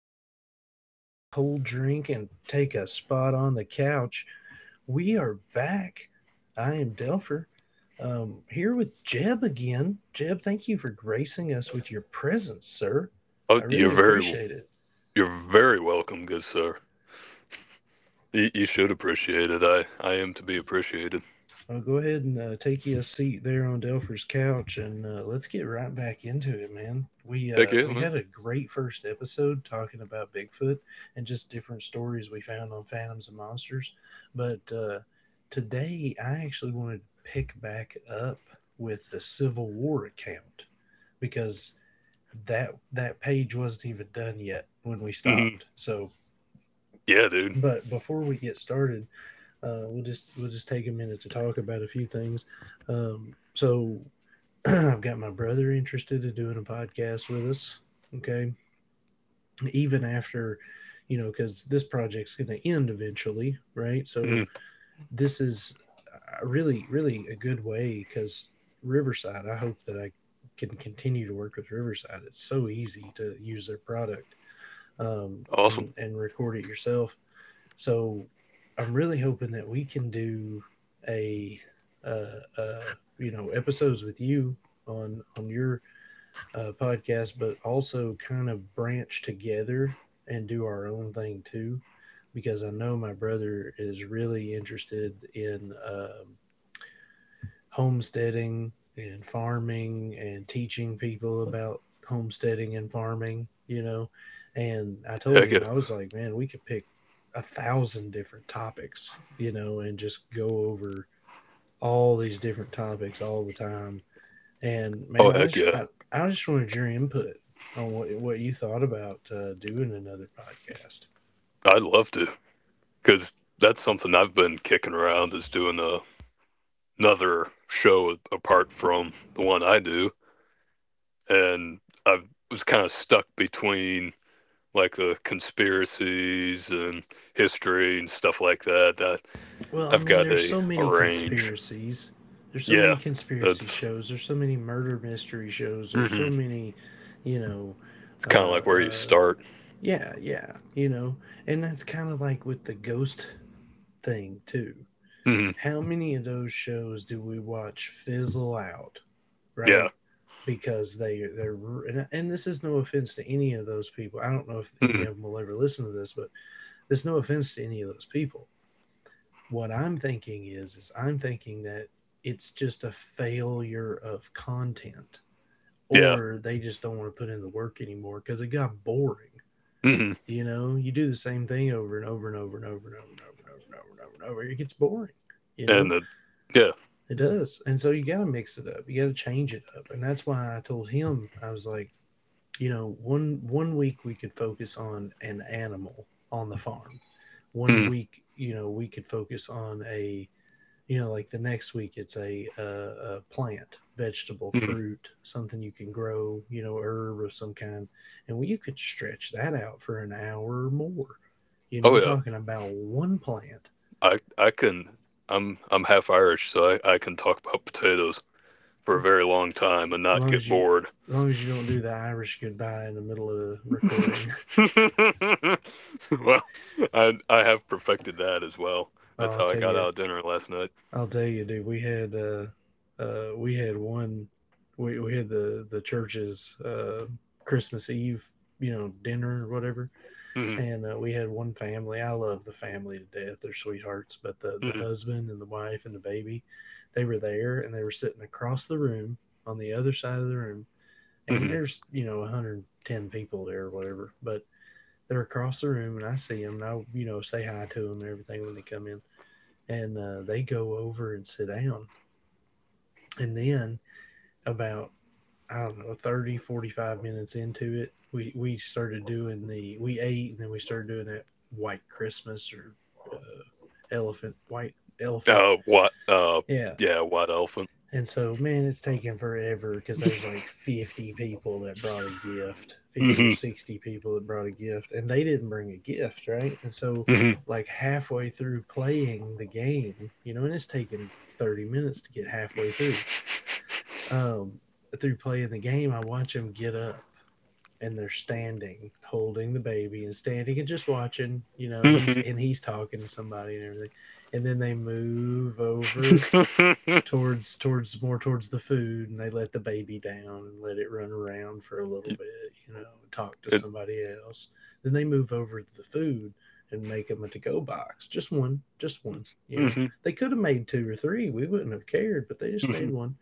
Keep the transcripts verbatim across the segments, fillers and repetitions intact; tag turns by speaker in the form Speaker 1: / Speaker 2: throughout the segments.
Speaker 1: shoes off, grab a cold drink, and take a spot on the couch. We are back. I am Delpher. Um, here with Jeb again. Jeb, thank you for gracing us with your presence, sir.
Speaker 2: Oh,
Speaker 1: I
Speaker 2: you're
Speaker 1: really
Speaker 2: very,
Speaker 1: appreciate it.
Speaker 2: you're very welcome, good sir. You, you should appreciate it. I, I am to be appreciated.
Speaker 1: Well, go ahead and uh, take you a seat there on Delpher's couch, and uh, let's get right back into it, man. We
Speaker 2: Heck
Speaker 1: uh,
Speaker 2: yeah,
Speaker 1: we
Speaker 2: man.
Speaker 1: had a great first episode talking about Bigfoot and just different stories we found on Phantoms and Monsters, but uh, today I actually wanted to pick back up with the Civil War account because that that page wasn't even done yet when we
Speaker 2: Mhm.
Speaker 1: stopped. So,
Speaker 2: Yeah, dude.
Speaker 1: but before we get started, uh, we'll just we'll just take a minute to talk about a few things. Um, so I've got my brother interested in doing a podcast with us. Okay, even after you know, because this project's going to end eventually, right? So
Speaker 2: Mhm.
Speaker 1: this is uh, really really a good way because Riverside. I hope that I can continue to work with Riverside. It's so easy to use their product um,
Speaker 2: Awesome.
Speaker 1: and and record it yourself, so I'm really hoping that we can do a uh, uh, you know episodes with you on on your uh, podcast, but also kind of branch together and do our own thing too, because I know my brother is really interested in um, homesteading and farming and teaching people about homesteading and farming, you know. And I told
Speaker 2: Heck
Speaker 1: him,
Speaker 2: yeah.
Speaker 1: I was like, man, we could pick a thousand different topics, you know, and just go over all these different topics all the time. And man,
Speaker 2: Oh,
Speaker 1: I
Speaker 2: heck
Speaker 1: just,
Speaker 2: yeah.
Speaker 1: I, I just wanted your input on what, what you thought about uh, doing another podcast.
Speaker 2: I'd love to, cause that's something I've been kicking around is doing a, another show apart from the one I do, and I was kind of stuck between like the conspiracies and history and stuff like that. I,
Speaker 1: Well, I
Speaker 2: I've
Speaker 1: mean,
Speaker 2: got
Speaker 1: there's
Speaker 2: a,
Speaker 1: so
Speaker 2: a
Speaker 1: many
Speaker 2: range.
Speaker 1: conspiracies. There's so
Speaker 2: Yeah,
Speaker 1: many conspiracy
Speaker 2: that's.
Speaker 1: shows. There's so many murder mystery shows. There's so
Speaker 2: Hmm.
Speaker 1: many, you know,
Speaker 2: It's
Speaker 1: uh,
Speaker 2: kind of like where you
Speaker 1: uh,
Speaker 2: start.
Speaker 1: yeah, yeah, you know. And that's kind of like with the ghost thing, too.
Speaker 2: Hmm.
Speaker 1: How many of those shows do we watch fizzle out,
Speaker 2: Yeah.
Speaker 1: right? Because they they're and, and this is no offense to any of those people. I don't know if any of
Speaker 2: Hmm.
Speaker 1: them will ever listen to this, but there's no offense to any of those people. What I'm thinking is is I'm thinking that it's just a failure of content,
Speaker 2: Yeah.
Speaker 1: or they just don't want to put in the work anymore cuz it got boring.
Speaker 2: Hmm.
Speaker 1: You know, you do the same thing over and over and over and over and over and over and over and over and over and over. It gets boring. You
Speaker 2: And
Speaker 1: know,
Speaker 2: the Yeah.
Speaker 1: it does. And so you got to mix it up. You got to change it up. And that's why I told him, I was like, you know, one one week we could focus on an animal on the farm. One
Speaker 2: Hmm.
Speaker 1: week, you know, we could focus on a you know like the next week it's a, a, a plant vegetable
Speaker 2: Hmm.
Speaker 1: fruit something you can grow, you know, herb of some kind. And well, you could stretch that out for an hour or more, you
Speaker 2: Oh
Speaker 1: know,
Speaker 2: yeah.
Speaker 1: talking about one plant.
Speaker 2: I I can. I'm I'm half Irish, so I, I can talk about potatoes for a very long time and
Speaker 1: as
Speaker 2: not
Speaker 1: long
Speaker 2: get
Speaker 1: as you
Speaker 2: bored.
Speaker 1: as long as you don't do the Irish goodbye in the middle of the recording.
Speaker 2: Well, I I have perfected that as well. That's
Speaker 1: I'll
Speaker 2: how I
Speaker 1: tell
Speaker 2: got
Speaker 1: you,
Speaker 2: out of dinner last night.
Speaker 1: i'll tell you dude, we had uh uh we had one, we, we had the the church's uh Christmas Eve, you know, dinner or whatever.
Speaker 2: Hmm.
Speaker 1: And uh, we had one family. I love the family to death; they're sweethearts. But the the
Speaker 2: Hmm.
Speaker 1: husband and the wife and the baby, they were there, and they were sitting across the room on the other side of the room. And
Speaker 2: Hmm.
Speaker 1: there's you know a hundred ten people there or whatever, but they're across the room, and I see them, and I you know say hi to them and everything when they come in, and uh, they go over and sit down, and then about I don't know, Thirty, forty-five minutes into it, we, we started doing the, we ate, and then we started doing that white Christmas or uh, elephant, white elephant.
Speaker 2: Uh, what? Uh,
Speaker 1: Yeah.
Speaker 2: yeah, white elephant.
Speaker 1: And so, man, it's taken forever because there's like fifty people that brought a gift, fifty or
Speaker 2: Hmm.
Speaker 1: sixty people that brought a gift, and they didn't bring a gift, right? And so,
Speaker 2: Hmm.
Speaker 1: like, halfway through playing the game, you know, and it's taken thirty minutes to get halfway through. Um, Through playing the game, I watch them get up, and they're standing holding the baby and standing and just watching, you know, and he's
Speaker 2: Hmm.
Speaker 1: and he's talking to somebody and everything. And then they move over towards towards more towards the food, and they let the baby down and let it run around for a little bit, you know, talk to somebody else. Then they move over to the food and make them a to-go box, just one, just one, you know,
Speaker 2: Mhm,
Speaker 1: they could have made two or three, we wouldn't have cared, but they just made
Speaker 2: mhm.
Speaker 1: one.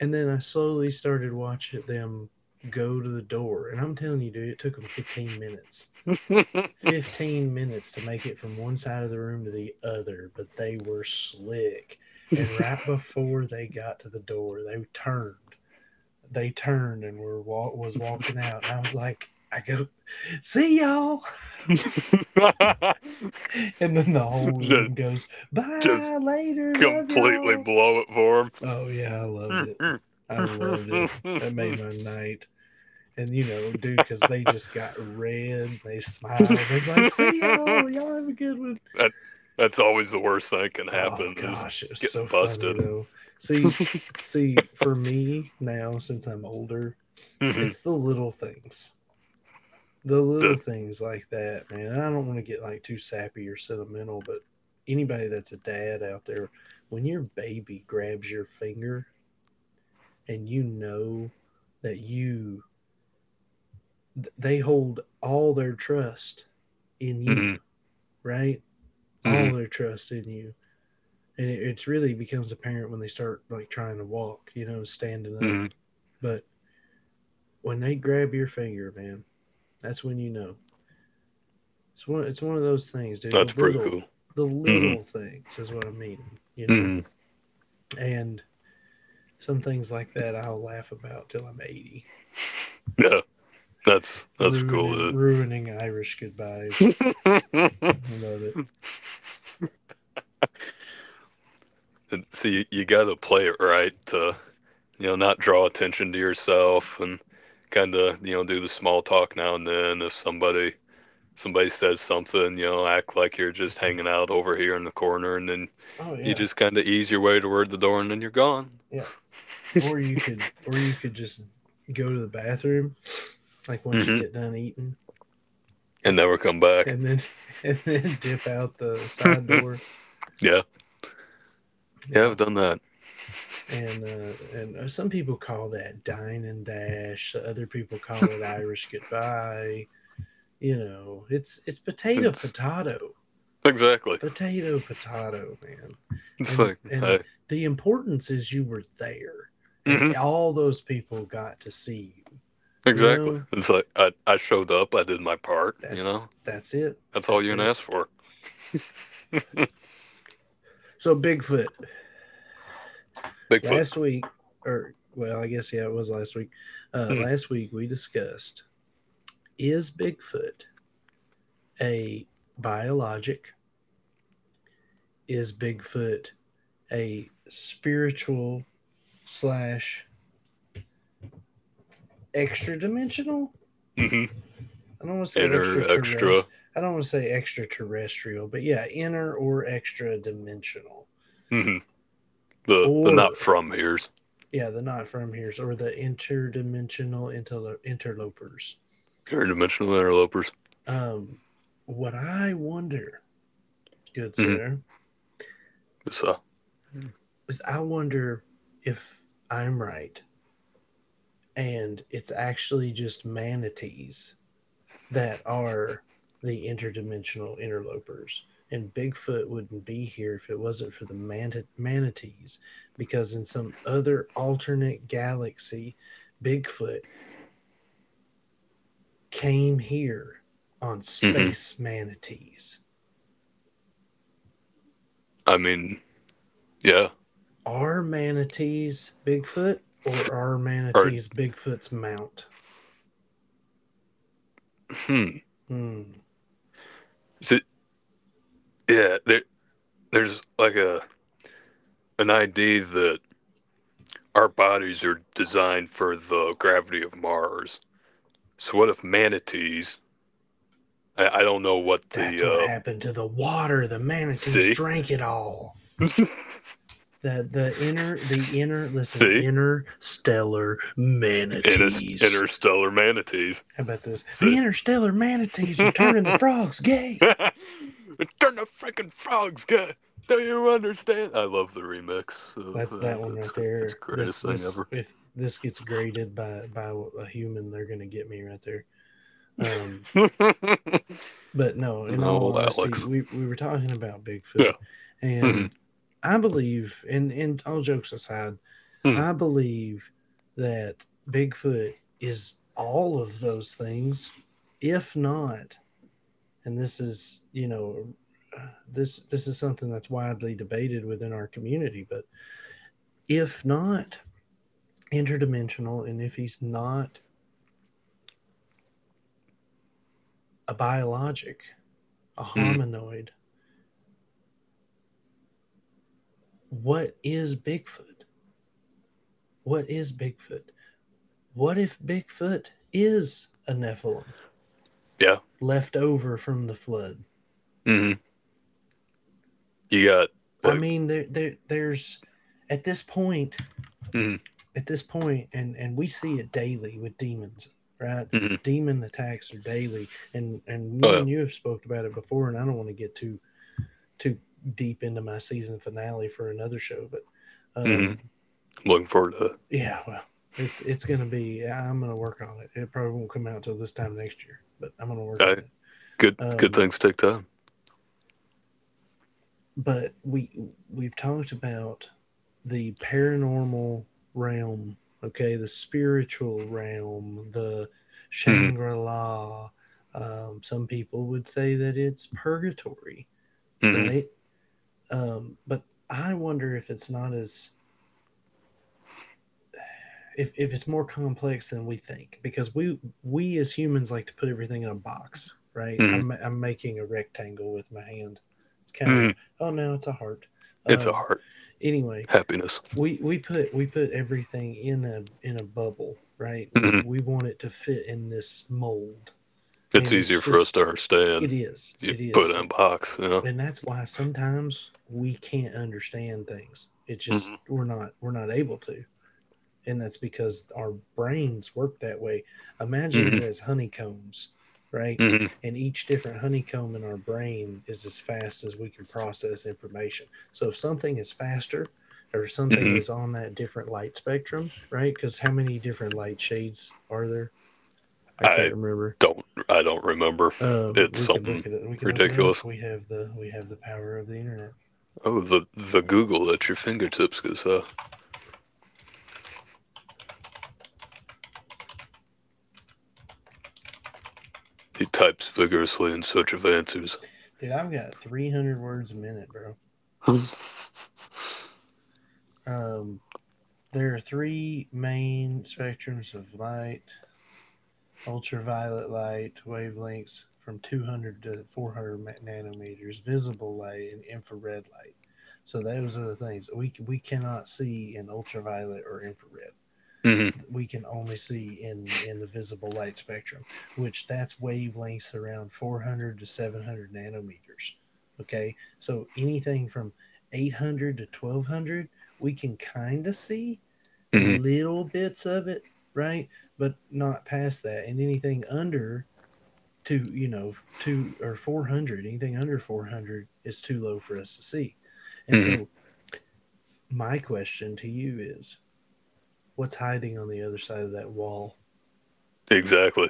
Speaker 1: And then I slowly started watching them go to the door. And I'm telling you, dude, it took them fifteen minutes. fifteen minutes to make it from one side of the room to the other, but they were slick. And right before they got to the door, they turned. They turned and were was walking out, and I was like, I go, see y'all, and then the whole
Speaker 2: just,
Speaker 1: room goes,
Speaker 2: just
Speaker 1: bye later, love
Speaker 2: completely
Speaker 1: y'all.
Speaker 2: blow it for him.
Speaker 1: Oh yeah, I loved it. I loved it. That made my night. And you know, dude, because they just got red, they smiled, they're like, "See y'all, y'all have a good one."
Speaker 2: that, that's always the worst thing that can
Speaker 1: Oh
Speaker 2: happen is
Speaker 1: gosh, it was so
Speaker 2: getting
Speaker 1: funny
Speaker 2: busted.
Speaker 1: though. See, see, for me now, since I'm older,
Speaker 2: Mhm.
Speaker 1: it's the little things, the little
Speaker 2: that-
Speaker 1: things like that, man. And I don't want to get like too sappy or sentimental, but anybody that's a dad out there, when your baby grabs your finger and you know that you, they hold all their trust in you,
Speaker 2: mhm,
Speaker 1: right? All
Speaker 2: mhm,
Speaker 1: their trust in you. And it, it's really becomes apparent when they start like trying to walk, you know, standing up.
Speaker 2: mhm.
Speaker 1: But when they grab your finger, man, that's when you know. It's one it's one of those things, dude. The
Speaker 2: That's pretty
Speaker 1: little
Speaker 2: cool.
Speaker 1: the
Speaker 2: Mhm,
Speaker 1: little things is what I'm meaning, you know?
Speaker 2: mhm.
Speaker 1: And some things like that I'll laugh about till I'm eighty.
Speaker 2: Yeah, that's that's cool,
Speaker 1: Ruining
Speaker 2: dude.
Speaker 1: ruining Irish goodbyes. I love it.
Speaker 2: And see, you got to play it right to, you know, not draw attention to yourself and kind of, you know, do the small talk now and then. If somebody somebody says something, you know, act like you're just hanging out over here in the corner, and then
Speaker 1: Oh
Speaker 2: you
Speaker 1: yeah.
Speaker 2: just kind of ease your way toward the door, and then you're gone.
Speaker 1: Yeah. Or you could or you could just go to the bathroom, like once you
Speaker 2: Hmm.
Speaker 1: get done eating,
Speaker 2: And never come back.
Speaker 1: and then and then dip out the side door.
Speaker 2: Yeah, yeah,
Speaker 1: Yeah.
Speaker 2: I've done that.
Speaker 1: And uh, and uh, some people call that dine and dash. Other people call it Irish goodbye. You know, it's it's potato
Speaker 2: It's
Speaker 1: potato
Speaker 2: exactly.
Speaker 1: potato potato, man.
Speaker 2: It's
Speaker 1: And
Speaker 2: like
Speaker 1: and
Speaker 2: I.
Speaker 1: the importance is you were there, and
Speaker 2: Hmm.
Speaker 1: all those people got to see you. You
Speaker 2: Exactly.
Speaker 1: know,
Speaker 2: It's like I I showed up. I did my part. You
Speaker 1: that's
Speaker 2: know,
Speaker 1: that's it.
Speaker 2: that's all
Speaker 1: That's
Speaker 2: you can
Speaker 1: it.
Speaker 2: ask for.
Speaker 1: So Bigfoot,
Speaker 2: Bigfoot.
Speaker 1: last week, or well, I guess yeah, it was last week. Uh, last week we discussed, is Bigfoot a biologic? Is Bigfoot a spiritual slash extra dimensional?
Speaker 2: Mm-hmm.
Speaker 1: I don't want to say
Speaker 2: Inner extra.
Speaker 1: extraterrestrial. I don't want to say extraterrestrial, but yeah, inner or extra dimensional,
Speaker 2: Hmm. The the not
Speaker 1: or
Speaker 2: from here.
Speaker 1: yeah, the not from here's or the interdimensional interlo- interlopers.
Speaker 2: Interdimensional interlopers.
Speaker 1: Um, what I wonder, good
Speaker 2: Hmm.
Speaker 1: sir,
Speaker 2: It's, uh,
Speaker 1: because I wonder if I'm right and it's actually just manatees that are the interdimensional interlopers. And Bigfoot wouldn't be here if it wasn't for the man- manatees, because in some other alternate galaxy, Bigfoot came here on
Speaker 2: Hmm.
Speaker 1: space manatees.
Speaker 2: I mean, yeah.
Speaker 1: Are manatees Bigfoot, or are
Speaker 2: Or,
Speaker 1: manatees Bigfoot's mount?
Speaker 2: hmm.
Speaker 1: Hmm.
Speaker 2: Is Yeah, there, there's like a an idea that our bodies are designed for the gravity of Mars. So what if manatees? I, I don't know what
Speaker 1: That's
Speaker 2: the,
Speaker 1: what
Speaker 2: uh,
Speaker 1: happened to the water. The manatees
Speaker 2: see?
Speaker 1: drank it all. The the inner the inner listen
Speaker 2: See?
Speaker 1: interstellar
Speaker 2: Inter-
Speaker 1: manatees.
Speaker 2: Interstellar manatees.
Speaker 1: How about this? The
Speaker 2: See?
Speaker 1: interstellar manatees are turning the
Speaker 2: Turn
Speaker 1: frogs gay.
Speaker 2: the freaking frogs, guy! Do you understand? I love the remix of
Speaker 1: That's
Speaker 2: that.
Speaker 1: that one
Speaker 2: It's,
Speaker 1: right
Speaker 2: it's the
Speaker 1: there. This
Speaker 2: greatest thing
Speaker 1: this
Speaker 2: ever.
Speaker 1: if this gets graded by by a human, they're gonna get me right there. Um, but no, in all
Speaker 2: Oh,
Speaker 1: honesty,
Speaker 2: Alex.
Speaker 1: we we were talking about Bigfoot,
Speaker 2: Yeah. Hmm.
Speaker 1: and I believe, and and all jokes aside,
Speaker 2: Hmm.
Speaker 1: I believe that Bigfoot is all of those things, if not, and this is, you know, uh, this this is something that's widely debated within our community, but if not interdimensional, and if he's not a biologic, a
Speaker 2: Hmm.
Speaker 1: hominoid, what is Bigfoot? What is Bigfoot? What if Bigfoot is a Nephilim
Speaker 2: Yeah.
Speaker 1: left over from the flood?
Speaker 2: Hmm. You got
Speaker 1: I
Speaker 2: like.
Speaker 1: mean, there, there, there's at this point,
Speaker 2: Hmm.
Speaker 1: at this point, and and we see it daily with demons, right?
Speaker 2: Hmm.
Speaker 1: Demon attacks are daily, and and me and
Speaker 2: Oh
Speaker 1: you have spoke about it before, and I don't want to get too too deep into my season finale for another show, but
Speaker 2: yeah. Hmm.
Speaker 1: um,
Speaker 2: Looking forward to it.
Speaker 1: yeah, well, it's it's gonna be. I'm gonna work on it. It probably won't come out till this time next year, but I'm gonna work on
Speaker 2: Hey,
Speaker 1: it.
Speaker 2: good. Good
Speaker 1: Um,
Speaker 2: things take time.
Speaker 1: but we we've talked about the paranormal realm, okay, the spiritual realm, the
Speaker 2: Hmm.
Speaker 1: Shangri La. Um, some people would say that it's purgatory,
Speaker 2: Hmm.
Speaker 1: right? Um, but I wonder if it's not as— if, if it's more complex than we think, because we we as humans like to put everything in a box, right? I'm
Speaker 2: Hmm.
Speaker 1: I'm making a rectangle with my hand. It's kind of a—
Speaker 2: Hmm.
Speaker 1: oh no, it's a heart.
Speaker 2: It's a
Speaker 1: Um,
Speaker 2: heart
Speaker 1: anyway,
Speaker 2: happiness.
Speaker 1: we we put we put everything in a in a bubble, right? we
Speaker 2: Hmm.
Speaker 1: we want it to fit in this mold,
Speaker 2: It's
Speaker 1: and it's
Speaker 2: easier for us
Speaker 1: just—
Speaker 2: to understand.
Speaker 1: it is
Speaker 2: You
Speaker 1: it
Speaker 2: put it
Speaker 1: is
Speaker 2: in a box. You know.
Speaker 1: And that's why sometimes we can't understand things. It's just
Speaker 2: Hmm.
Speaker 1: we're not we're not able to. And that's because our brains work that way. Imagine it as honeycombs, right?
Speaker 2: Hmm. Hmm.
Speaker 1: And each different honeycomb in our brain is as fast as we can process information. So if something is faster, or something
Speaker 2: Hmm.
Speaker 1: is on that different light spectrum, right? Because how many different light shades are there? I can't
Speaker 2: I
Speaker 1: remember.
Speaker 2: don't. I don't remember.
Speaker 1: Um,
Speaker 2: It's
Speaker 1: we can look
Speaker 2: something
Speaker 1: at it. We can look it up.
Speaker 2: ridiculous.
Speaker 1: We have the we have the power of the internet,
Speaker 2: Oh, the the Google at your fingertips, because uh, he types vigorously in search of answers.
Speaker 1: dude. I've got three hundred words a minute, bro. Um, There are three main spectrums of light: ultraviolet light wavelengths from two hundred to four hundred nanometers, visible light, and infrared light. So those are the things we we cannot see in ultraviolet or infrared.
Speaker 2: Mm.
Speaker 1: We can only see in in the visible light spectrum, which that's wavelengths around four hundred to seven hundred nanometers. Okay, so anything from eight hundred to twelve hundred, we can kind of see a
Speaker 2: Hmm.
Speaker 1: little bits of it, right? But not past that, and anything under two, you know, two or four hundred, anything under four hundred is too low for us to see. And
Speaker 2: Hmm.
Speaker 1: so,
Speaker 2: Hmm.
Speaker 1: my question to you is, what's hiding on the other side of that wall?
Speaker 2: Exactly.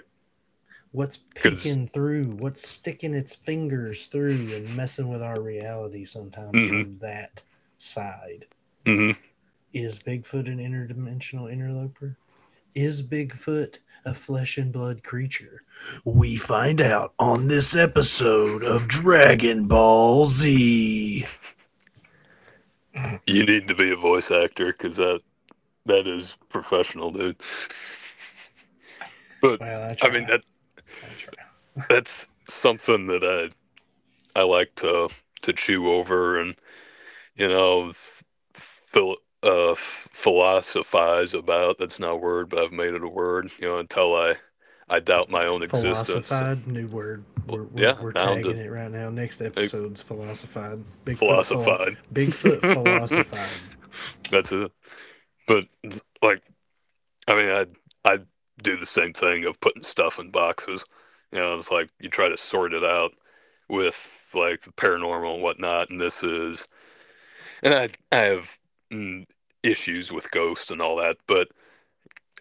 Speaker 1: What's
Speaker 2: Because
Speaker 1: peeking through? What's sticking its fingers through and messing with our reality sometimes
Speaker 2: hmm
Speaker 1: from that side?
Speaker 2: hmm
Speaker 1: Is Bigfoot an interdimensional interloper? Is Bigfoot a flesh and blood creature? We find out on this episode of Dragon Ball Z.
Speaker 2: you need to be a voice actor because that, that is professional, dude. But,
Speaker 1: Well, I
Speaker 2: I mean,
Speaker 1: try.
Speaker 2: that
Speaker 1: I try.
Speaker 2: that's something that I, I like to, to chew over and, you know, phil- uh, philosophize about. That's not a word, but I've made it a word, you know, until I, I doubt my own existence. And,
Speaker 1: Philosophied, new word.
Speaker 2: well,
Speaker 1: We're, we're,
Speaker 2: yeah,
Speaker 1: we're
Speaker 2: now
Speaker 1: tagging
Speaker 2: to,
Speaker 1: it right now. Next episode's philosophied. Bigfoot, philo-
Speaker 2: philosophied.
Speaker 1: Bigfoot philosophied.
Speaker 2: That's it. But like, I mean, I I do the same thing of putting stuff in boxes. You know, it's like you try to sort it out with like the paranormal and whatnot. And this is, and I I have mm, issues with ghosts and all that, but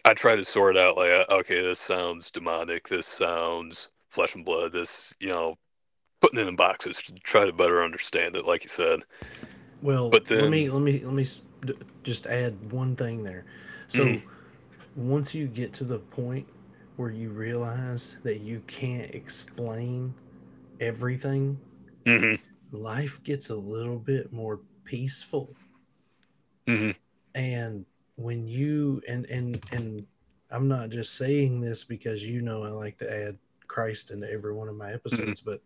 Speaker 2: I try to sort out like, uh, okay, this sounds demonic. This sounds flesh and blood. This, you know, putting it in boxes to try to better understand it, like you said.
Speaker 1: Well,
Speaker 2: But
Speaker 1: let me
Speaker 2: then.
Speaker 1: let me let me s- d- just add one thing there.
Speaker 2: Mm,
Speaker 1: So once you get to the point where you realize that you can't explain everything,
Speaker 2: mm-hmm,
Speaker 1: life gets a little bit more peaceful.
Speaker 2: mm-hmm, mm-hmm.
Speaker 1: And when you and and and I'm not just saying this because you know I like to add Christ into every one of my episodes, but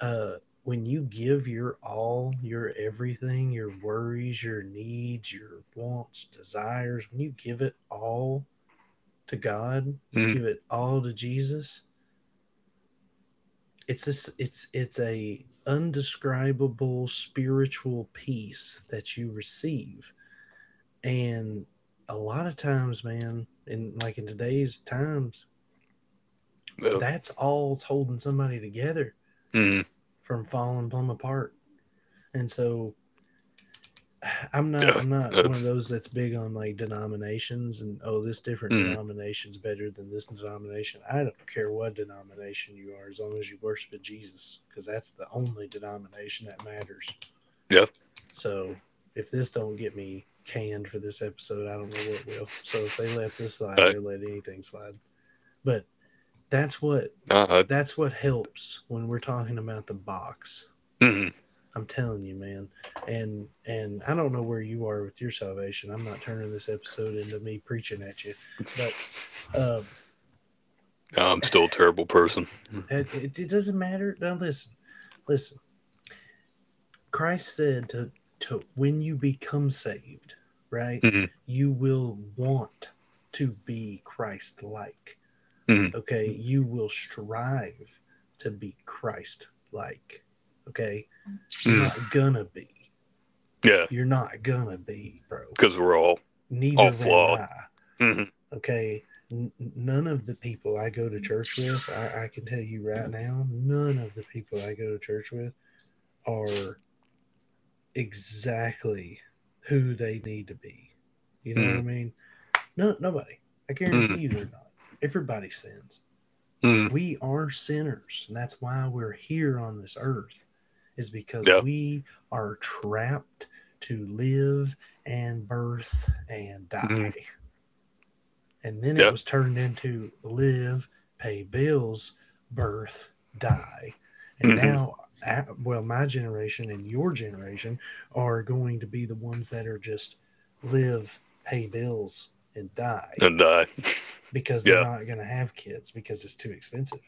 Speaker 1: uh, when you give your all, your everything, your worries, your needs, your wants, desires, when you give it all to God, you
Speaker 2: Mm,
Speaker 1: give it all to Jesus. It's this. It's it's a undescribable spiritual peace that you receive, and a lot of times, man, in like in today's times,
Speaker 2: uh,
Speaker 1: that's all's holding somebody together
Speaker 2: mm,
Speaker 1: from falling plumb apart. And so I'm not
Speaker 2: yeah,
Speaker 1: I'm not one of
Speaker 2: that's,
Speaker 1: those that's big on like denominations, and oh, this different
Speaker 2: mm,
Speaker 1: denomination's better than this denomination. I don't care what denomination you are, as long as you worship in Jesus, because that's the only denomination that matters.
Speaker 2: yeah.
Speaker 1: So if this don't get me canned for this episode, I don't know what will. So if they let this slide,
Speaker 2: I,
Speaker 1: they'll let anything slide. But that's what
Speaker 2: nah, I,
Speaker 1: that's what helps when we're talking about the box.
Speaker 2: mm.
Speaker 1: I'm telling you, man. And and I don't know where you are with your salvation. I'm not turning this episode into me preaching at you, but um,
Speaker 2: I'm still a terrible person.
Speaker 1: it it doesn't matter. Now listen, listen. Christ said to to when you become saved, right?
Speaker 2: Mm,
Speaker 1: You will want to be Christ-like.
Speaker 2: mm,
Speaker 1: Okay, you will strive to be Christ-like. Okay, you're
Speaker 2: mm.
Speaker 1: not gonna be.
Speaker 2: Yeah,
Speaker 1: You're not gonna be, bro.
Speaker 2: because we're all, all
Speaker 1: Neither am
Speaker 2: flawed.
Speaker 1: I.
Speaker 2: Mm,
Speaker 1: Okay, n- none of the people I go to church with— I-, I can tell you right now, none of the people I go to church with are exactly who they need to be, you know what I
Speaker 2: mm,
Speaker 1: mean? No Nobody. I guarantee
Speaker 2: mm,
Speaker 1: you they're not. Everybody sins.
Speaker 2: mm.
Speaker 1: We are sinners, and that's why we're here on this earth, is because
Speaker 2: Yeah,
Speaker 1: we are trapped to live and birth and die.
Speaker 2: mm,
Speaker 1: And then it
Speaker 2: yeah.
Speaker 1: was turned into live, pay bills, birth, die. And
Speaker 2: Mm,
Speaker 1: now, uh, well, my generation and your generation are going to be the ones that are just live, pay bills, and die,
Speaker 2: and I,
Speaker 1: because they're
Speaker 2: yeah,
Speaker 1: not going to have kids because it's too expensive.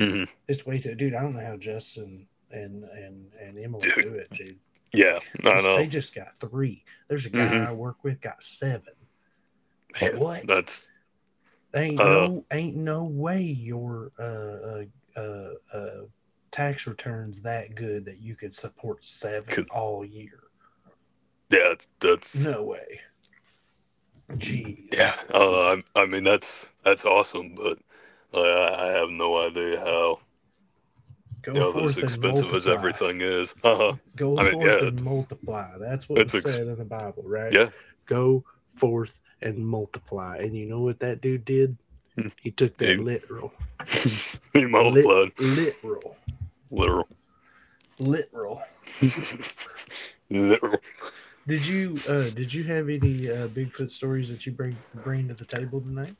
Speaker 2: mm,
Speaker 1: It's way too, dude. I don't know how Justin and and and Emily
Speaker 2: dude,
Speaker 1: do it, dude.
Speaker 2: yeah,
Speaker 1: Like,
Speaker 2: I
Speaker 1: it's—
Speaker 2: know.
Speaker 1: they just got three. There's a guy
Speaker 2: Hmm.
Speaker 1: I work with got seven.
Speaker 2: Man,
Speaker 1: What?
Speaker 2: that's,
Speaker 1: ain't
Speaker 2: uh,
Speaker 1: no ain't no way your uh, uh, uh, uh, tax returns that good that you could support seven
Speaker 2: 'cause-
Speaker 1: all year.
Speaker 2: yeah, that's, that's,
Speaker 1: No way. Jeez.
Speaker 2: Yeah, uh, I, I mean that's that's awesome, but uh, I I have no idea how, you
Speaker 1: Go
Speaker 2: know, as
Speaker 1: forth and
Speaker 2: expensive as
Speaker 1: multiply.
Speaker 2: everything is. Uh-huh.
Speaker 1: Go
Speaker 2: I mean,
Speaker 1: forth
Speaker 2: yeah,
Speaker 1: and
Speaker 2: it's,
Speaker 1: multiply. That's what was
Speaker 2: it's ex-
Speaker 1: said in the Bible, right?
Speaker 2: yeah,
Speaker 1: Go forth and multiply. And you know what that dude did? He took that
Speaker 2: he,
Speaker 1: literal.
Speaker 2: he
Speaker 1: Lit
Speaker 2: multiplied,
Speaker 1: literal.
Speaker 2: literal,
Speaker 1: Literal.
Speaker 2: literal.
Speaker 1: Did you uh did you have any uh Bigfoot stories that you bring bring to the table tonight?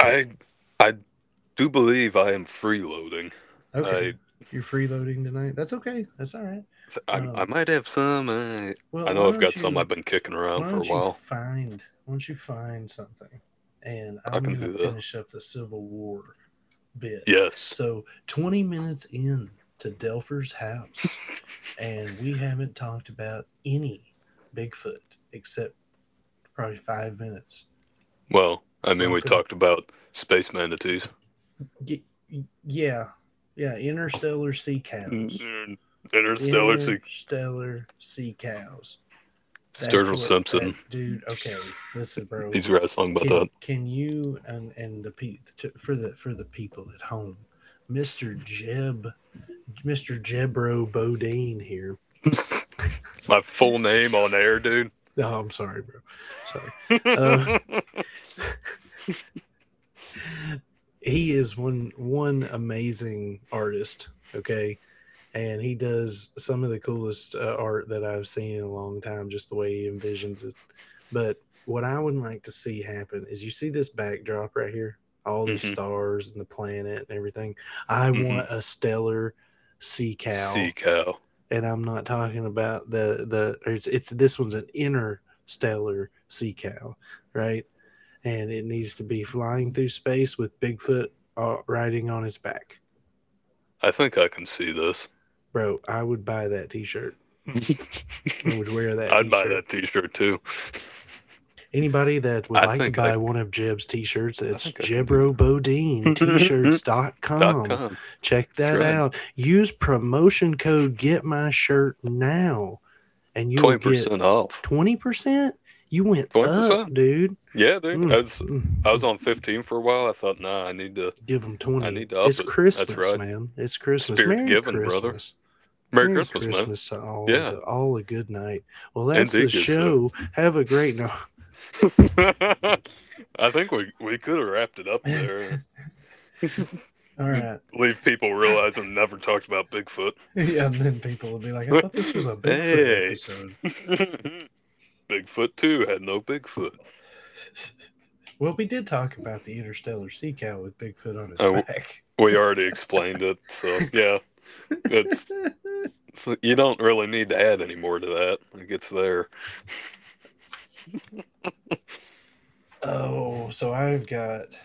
Speaker 2: I I do believe I am freeloading.
Speaker 1: Okay,
Speaker 2: I
Speaker 1: you're freeloading tonight. That's okay. That's all right.
Speaker 2: I, I
Speaker 1: Um,
Speaker 2: might have some. I,
Speaker 1: well,
Speaker 2: I
Speaker 1: why
Speaker 2: know I've
Speaker 1: don't
Speaker 2: got some
Speaker 1: you
Speaker 2: I've been kicking around
Speaker 1: why
Speaker 2: for a
Speaker 1: don't you
Speaker 2: while.
Speaker 1: find why don't you find something, and
Speaker 2: I
Speaker 1: I'm
Speaker 2: can
Speaker 1: gonna
Speaker 2: do that.
Speaker 1: finish up the Civil War bit.
Speaker 2: Yes.
Speaker 1: So twenty minutes in to Delpher's house, and we haven't talked about any Bigfoot except probably five minutes.
Speaker 2: Well, I mean, we
Speaker 1: Welcome.
Speaker 2: talked about space manatees.
Speaker 1: Y- yeah, yeah. Interstellar sea cows.
Speaker 2: Mm, interstellar to
Speaker 1: Interstellar sea cows That's
Speaker 2: Sturgill
Speaker 1: what that
Speaker 2: Simpson.
Speaker 1: dude. Okay, listen, bro.
Speaker 2: He's wrestling by
Speaker 1: Can can you and and the pe- to, for the for the people at home, Mister Jeb, Mister Jebro Bodine here.
Speaker 2: that. My full name on air, dude.
Speaker 1: No, I'm sorry, bro. Sorry. Uh, he is one one amazing artist. Okay, and he does some of the coolest uh, art that I've seen in a long time, just the way he envisions it. But what I would like to see happen is, you see this backdrop right here, all these
Speaker 2: Mm-hmm.
Speaker 1: stars and the planet and everything. I want
Speaker 2: Mm-hmm.
Speaker 1: a stellar sea cow,
Speaker 2: Sea cow.
Speaker 1: and I'm not talking about the the. It's, it's This one's an interstellar sea cow, right? And it needs to be flying through space with Bigfoot uh, riding on its back,
Speaker 2: I think I can see this.
Speaker 1: bro. I would buy that T-shirt. I would wear that
Speaker 2: I'd buy
Speaker 1: T-shirt.
Speaker 2: that T-shirt too.
Speaker 1: Anybody that would
Speaker 2: I
Speaker 1: like to
Speaker 2: think I.
Speaker 1: buy one of Jeb's T-shirts,
Speaker 2: I
Speaker 1: it's
Speaker 2: think I can do
Speaker 1: jebro bodine t shirts
Speaker 2: that.
Speaker 1: dot
Speaker 2: Dot
Speaker 1: com.
Speaker 2: com.
Speaker 1: Check
Speaker 2: That's
Speaker 1: that
Speaker 2: right.
Speaker 1: out. Use promotion code Get My Shirt now, and you will
Speaker 2: Twenty
Speaker 1: get
Speaker 2: percent off.
Speaker 1: twenty percent. You went
Speaker 2: Twenty
Speaker 1: up,
Speaker 2: percent.
Speaker 1: dude.
Speaker 2: Yeah, dude. I
Speaker 1: Mm,
Speaker 2: was
Speaker 1: mm,
Speaker 2: I was
Speaker 1: mm.
Speaker 2: on fifteen for a while. I thought, nah, I need to.
Speaker 1: Give them
Speaker 2: I
Speaker 1: twenty.
Speaker 2: need to up
Speaker 1: It's
Speaker 2: it. That's
Speaker 1: Christmas,
Speaker 2: right.
Speaker 1: man. It's Christmas.
Speaker 2: Spirit of
Speaker 1: Merry
Speaker 2: giving, brother.
Speaker 1: Christmas.
Speaker 2: Merry
Speaker 1: Merry
Speaker 2: Christmas, man.
Speaker 1: Christmas to all, and
Speaker 2: Yeah,
Speaker 1: to all a good night. Well, that's the
Speaker 2: indeed, good sir.
Speaker 1: show. Have a great night.
Speaker 2: I think we we could have wrapped it up
Speaker 1: No.
Speaker 2: there.
Speaker 1: All right.
Speaker 2: Leave people realizing never talked about Bigfoot.
Speaker 1: Yeah, and then people will be like, "I thought this was a Bigfoot
Speaker 2: Hey.
Speaker 1: episode."
Speaker 2: Bigfoot too had no Bigfoot.
Speaker 1: Well, we did talk about the interstellar sea cow with Bigfoot on its
Speaker 2: I,
Speaker 1: back.
Speaker 2: we already explained it, so yeah, it's, it's you don't really need to add any more to that. It gets there.
Speaker 1: Oh, so I've got.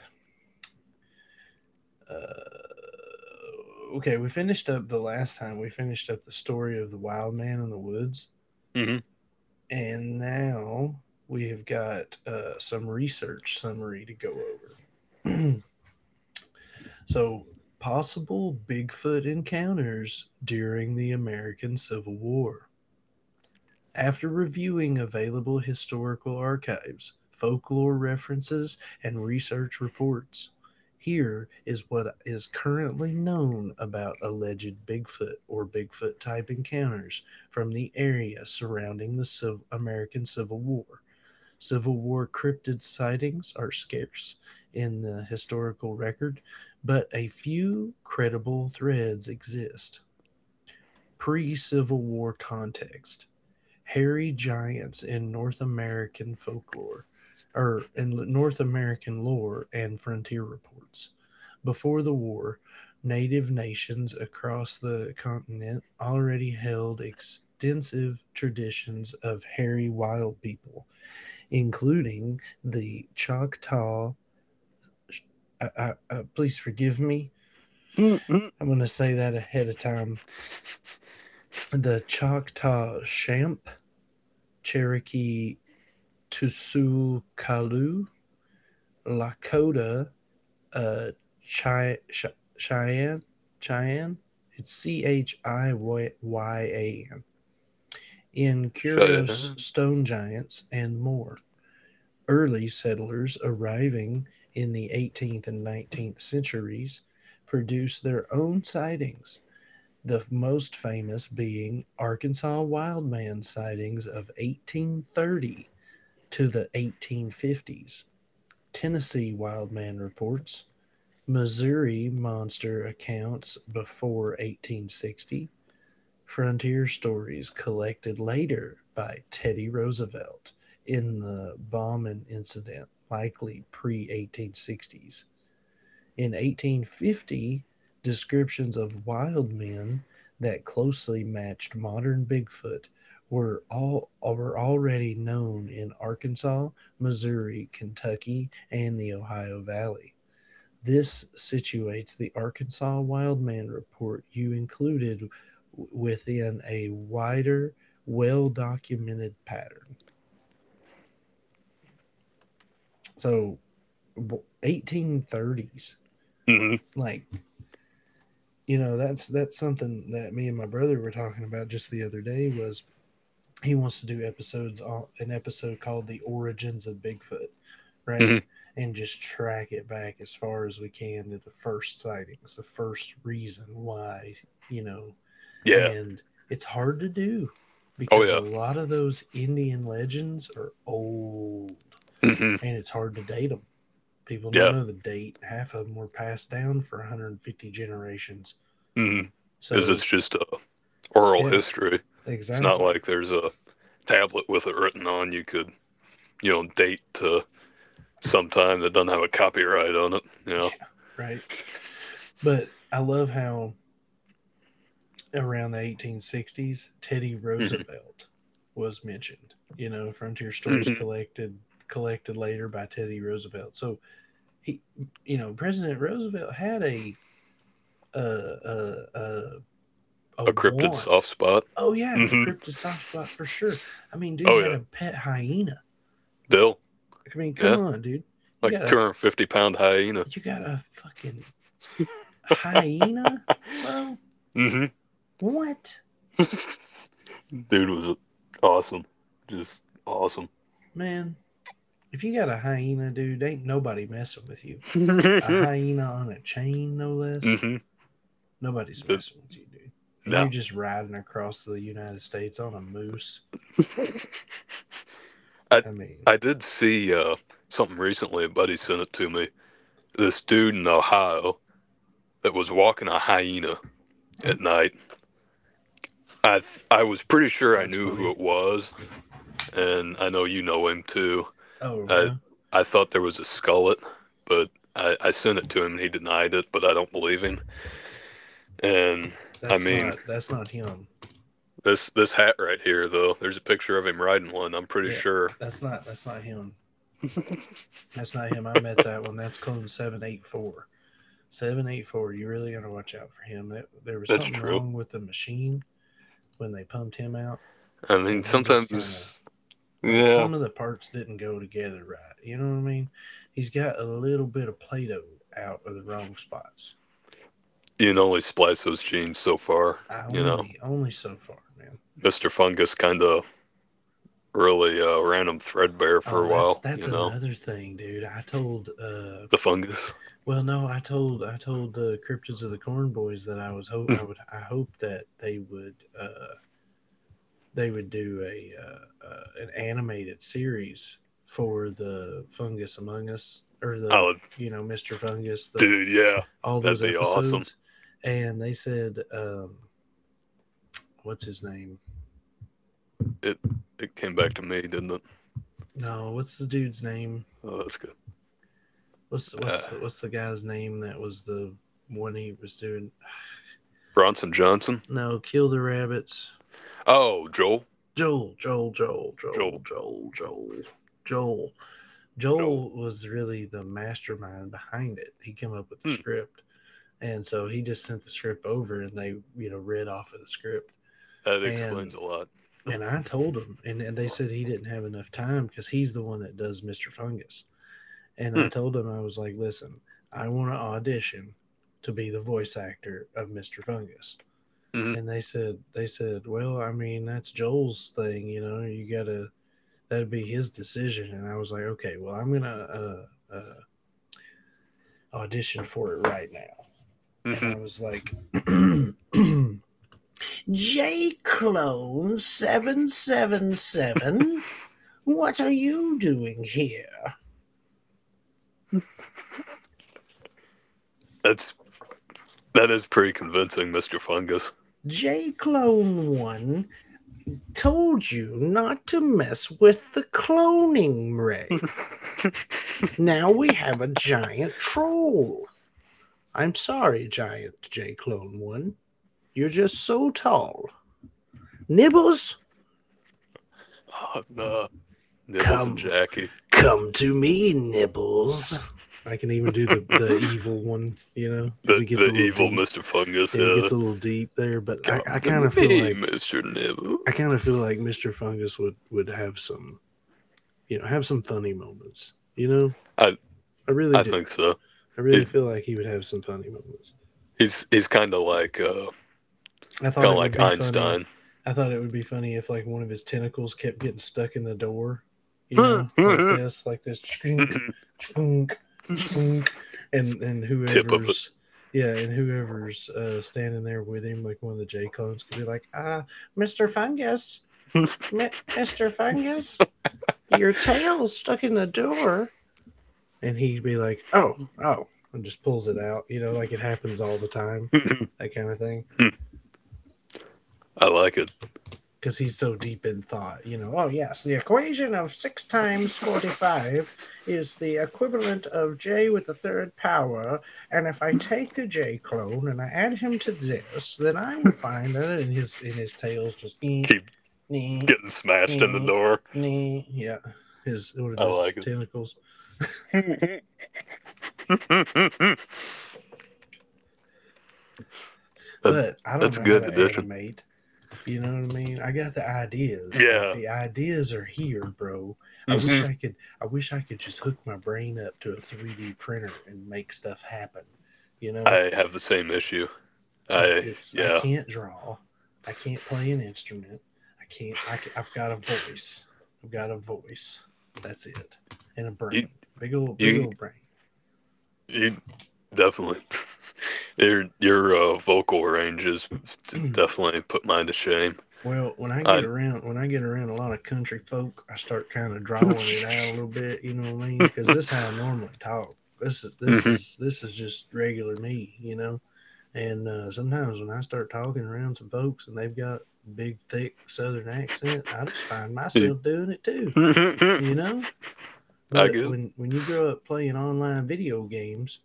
Speaker 1: Uh, okay, we finished up the last time, we finished up the story of the wild man in the woods.
Speaker 2: Mm-hmm.
Speaker 1: And now we have got uh, some research summary to go over. So, possible Bigfoot encounters during the American Civil War. After reviewing available historical archives, folklore references, and research reports, here is what is currently known about alleged Bigfoot or Bigfoot type encounters from the area surrounding the Civ- American Civil War. Civil War cryptid sightings are scarce in the historical record, but a few credible threads exist. Pre Civil War context: hairy giants in North American folklore, or in North American lore and frontier reports. Before the war, native nations across the continent already held extensive traditions of hairy wild people, including the Choctaw. I, I, I, please forgive me.
Speaker 2: Mm-hmm.
Speaker 1: I'm going to say that ahead of time. The Choctaw Champ, Cherokee Tusukalu, Lakota, uh, Chi- Chi- Cheyenne, Cheyenne. It's C H I Y A N. In
Speaker 2: Shut.
Speaker 1: curious stone giants and more. Early settlers arriving in the eighteenth and nineteenth centuries produced their own sightings, the most famous being Arkansas wildman sightings of eighteen thirty to the eighteen fifties. Tennessee wildman reports, Missouri Monster Accounts Before eighteen sixty, Frontier Stories collected later by Teddy Roosevelt in the bombing incident, likely pre eighteen sixties. In eighteen fifty, descriptions of wild men that closely matched modern Bigfoot were all were already known in Arkansas, Missouri, Kentucky, and the Ohio Valley. This situates the Arkansas Wildman Report you included within a wider, well documented pattern. So, eighteen thirties,
Speaker 2: Hmm.
Speaker 1: like, you know, that's that's something that me and my brother were talking about just the other day. Was he wants to do episodes on an episode called "The Origins of Bigfoot," right? And just track it back as far as we can to the first sightings, the first reason why. you know
Speaker 2: Yeah.
Speaker 1: And it's hard to do
Speaker 2: Oh
Speaker 1: because a
Speaker 2: yeah.
Speaker 1: lot of those Indian legends are old
Speaker 2: Hmm.
Speaker 1: and it's hard to date them. People don't
Speaker 2: Yeah.
Speaker 1: know the date. Half of them were passed down for one hundred fifty generations.
Speaker 2: Hmm. Is
Speaker 1: So,
Speaker 2: It's just a oral
Speaker 1: yeah,
Speaker 2: history. It's not
Speaker 1: exactly.
Speaker 2: like there's a tablet with it written on you could, you know, date to sometime that doesn't have a copyright on it, you know.
Speaker 1: Right. But I love how around the eighteen sixties, Teddy
Speaker 2: Mhm.
Speaker 1: Roosevelt was mentioned. You know, Frontier Stories
Speaker 2: Mhm.
Speaker 1: collected collected later by Teddy Roosevelt. So he, you know, President Roosevelt had a a a a, a
Speaker 2: A cryptid
Speaker 1: want.
Speaker 2: soft spot.
Speaker 1: Oh yeah, a
Speaker 2: Hmm.
Speaker 1: cryptid soft spot for sure. I mean, dude
Speaker 2: Oh,
Speaker 1: had
Speaker 2: yeah.
Speaker 1: a pet hyena.
Speaker 2: Bill.
Speaker 1: I mean, come
Speaker 2: Yeah.
Speaker 1: on, dude. You
Speaker 2: Like
Speaker 1: got a
Speaker 2: two hundred fifty pound hyena.
Speaker 1: you got a fucking hyena, bro.
Speaker 2: Hmm.
Speaker 1: What,
Speaker 2: Dude was awesome. Just awesome.
Speaker 1: man? If you got a hyena, dude, ain't nobody messing with you. A
Speaker 2: Hmm.
Speaker 1: hyena on a chain, no less.
Speaker 2: The,
Speaker 1: Nobody's messing with you, dude. And
Speaker 2: no.
Speaker 1: you're just riding across the United States on a moose.
Speaker 2: I,
Speaker 1: I mean,
Speaker 2: I did see uh, something recently. A buddy sent it to me this dude in Ohio that was walking a hyena at night. I th- I was pretty sure I
Speaker 1: that's
Speaker 2: knew
Speaker 1: funny.
Speaker 2: who it was, and I know you know him too.
Speaker 1: Oh
Speaker 2: I
Speaker 1: yeah,
Speaker 2: I thought there was a skullet, but I, I sent it to him and he denied it, but I don't believe him. And I
Speaker 1: that's
Speaker 2: mean
Speaker 1: not that's not him.
Speaker 2: this this hat right here though, there's a picture of him riding one, I'm pretty
Speaker 1: Yeah,
Speaker 2: sure.
Speaker 1: that's not that's not him. That's
Speaker 2: That's
Speaker 1: not him. I met that one. That's clone seven eight four. Seven eight four. You really gotta watch out for him. It, there was something
Speaker 2: true.
Speaker 1: wrong with the machine when they pumped him out,
Speaker 2: I mean
Speaker 1: and he just kind of
Speaker 2: sometimes
Speaker 1: like
Speaker 2: yeah.
Speaker 1: some of the parts didn't go together right. You know what I mean? He's got a little bit of Play-Doh out of the wrong spots.
Speaker 2: You can only splice those genes so far,
Speaker 1: I
Speaker 2: you know.
Speaker 1: only only so far, man.
Speaker 2: Mister Fungus kinda really uh, random threadbare for
Speaker 1: Oh,
Speaker 2: a
Speaker 1: that's
Speaker 2: while,
Speaker 1: that's
Speaker 2: you know,
Speaker 1: another thing, dude. I told uh
Speaker 2: the fungus.
Speaker 1: Well, no, I told I told the Cryptids of the Corn Boys that I was hope I would I hope that they would uh they would do a uh, uh an animated series for the Fungus Among Us, or the,
Speaker 2: Oh,
Speaker 1: you know mister Fungus, the
Speaker 2: dude, yeah,
Speaker 1: all
Speaker 2: that'd
Speaker 1: those
Speaker 2: be awesome.
Speaker 1: episodes, and they said um what's his name?
Speaker 2: It it came back to me, didn't it?
Speaker 1: No, what's the dude's name?
Speaker 2: Oh, that's good.
Speaker 1: What's
Speaker 2: Uh,
Speaker 1: what's what's the guy's name that was the one he was doing?
Speaker 2: Bronson Johnson.
Speaker 1: No, kill the rabbits.
Speaker 2: Oh, Joel,
Speaker 1: Joel, Joel, Joel, Joel,
Speaker 2: Joel,
Speaker 1: Joel, Joel, Joel.
Speaker 2: Joel.
Speaker 1: Joel was really the mastermind behind it. He came up with the
Speaker 2: Hmm,
Speaker 1: script. And so he just sent the script over, and they, you know, read off of the script.
Speaker 2: that explains
Speaker 1: And
Speaker 2: a lot.
Speaker 1: and I told him, and, and they said he didn't have enough time because he's the one that does mister Fungus. And
Speaker 2: Hmm,
Speaker 1: I told him, I was like, listen, I want to audition to be the voice actor of mister Fungus.
Speaker 2: hmm,
Speaker 1: And they said they said, well, I mean, that's Joel's thing, you know, you gotta that'd be his decision. And I was like, okay, well, I'm gonna uh, uh, audition for it right now. And
Speaker 2: hmm.
Speaker 1: I was like, J Clone seven seven seven, what are you doing here?
Speaker 2: That's that is pretty convincing, Mister Fungus.
Speaker 1: J Clone one told you not to mess with the cloning ray. Now we have a giant troll. I'm sorry, giant J Clone one. You're just so tall. Nibbles,
Speaker 2: oh, no, nah. Nibbles and
Speaker 1: come.
Speaker 2: Jackie.
Speaker 1: Come to me, Nibbles. I can even do the the evil one, you know, because
Speaker 2: The
Speaker 1: he gets
Speaker 2: the
Speaker 1: a little
Speaker 2: evil
Speaker 1: deep.
Speaker 2: Mister Fungus.
Speaker 1: Yeah, he
Speaker 2: Uh,
Speaker 1: gets a little deep there, but I,
Speaker 2: come
Speaker 1: I kind
Speaker 2: to
Speaker 1: of feel
Speaker 2: me,
Speaker 1: like
Speaker 2: Mister
Speaker 1: I
Speaker 2: Nibbles.
Speaker 1: kind of feel like mister Fungus would would have some, you know, have some funny moments. You know,
Speaker 2: I
Speaker 1: I
Speaker 2: I
Speaker 1: really do.
Speaker 2: think so.
Speaker 1: I really
Speaker 2: He
Speaker 1: feel like he would have some funny moments.
Speaker 2: He's he's kind of like uh,
Speaker 1: I
Speaker 2: kind
Speaker 1: thought
Speaker 2: of
Speaker 1: it would
Speaker 2: like
Speaker 1: be funny.
Speaker 2: Einstein.
Speaker 1: I thought it would be funny if like one of his tentacles kept getting stuck in the door, you
Speaker 2: Tip
Speaker 1: know, like this, like this, chunk, chunk, chunk, and and
Speaker 2: of it.
Speaker 1: whoever's yeah, and whoever's uh, standing there with him, like one of the J clones, could be like, ah, Mister Fungus, Mi- Mister Fungus, your tail's stuck in the door, and he'd be like, oh, oh, and just pulls it out, you know, like it happens all the time, that kind of thing,
Speaker 2: I like it.
Speaker 1: because he's so deep in thought. You know, oh yes, the equation of six times forty-five is the equivalent of j with the third power, and if I take a j clone and I add him to this, then I will find that in his in his tails just nee,
Speaker 2: Keep
Speaker 1: nee,
Speaker 2: getting smashed in the
Speaker 1: nee,
Speaker 2: door.
Speaker 1: nee. Yeah, his one of
Speaker 2: I
Speaker 1: his
Speaker 2: like it.
Speaker 1: tentacles.
Speaker 2: that,
Speaker 1: But I don't
Speaker 2: that's a
Speaker 1: know how
Speaker 2: good
Speaker 1: to
Speaker 2: addition.
Speaker 1: animate. You know what I mean? I got the ideas. Like,
Speaker 2: Yeah.
Speaker 1: the ideas are here, bro. I
Speaker 2: Hmm.
Speaker 1: wish I could I wish I could just hook my brain up to a three D printer and make stuff happen. You know?
Speaker 2: I have the same issue.
Speaker 1: Like
Speaker 2: I
Speaker 1: it's I
Speaker 2: yeah.
Speaker 1: can't draw. I can't play an instrument. I can't I ca- I've got a voice. I've got a voice. That's it. And a
Speaker 2: You
Speaker 1: brain. Big old, big
Speaker 2: you
Speaker 1: old brain.
Speaker 2: you definitely your your uh, vocal range is definitely put mine to shame.
Speaker 1: Well, when I get
Speaker 2: I.
Speaker 1: around, when I get around a lot of country folk, I start kind of drawing it out a little bit. You know what I mean? Because this is how I normally talk. This is this
Speaker 2: Mm-hmm.
Speaker 1: is this is just regular me. You know. And uh, sometimes when I start talking around some folks and they've got big, thick Southern accent, I just find myself doing it too. You know.
Speaker 2: I
Speaker 1: But
Speaker 2: guess.
Speaker 1: when when you grow up playing online video games,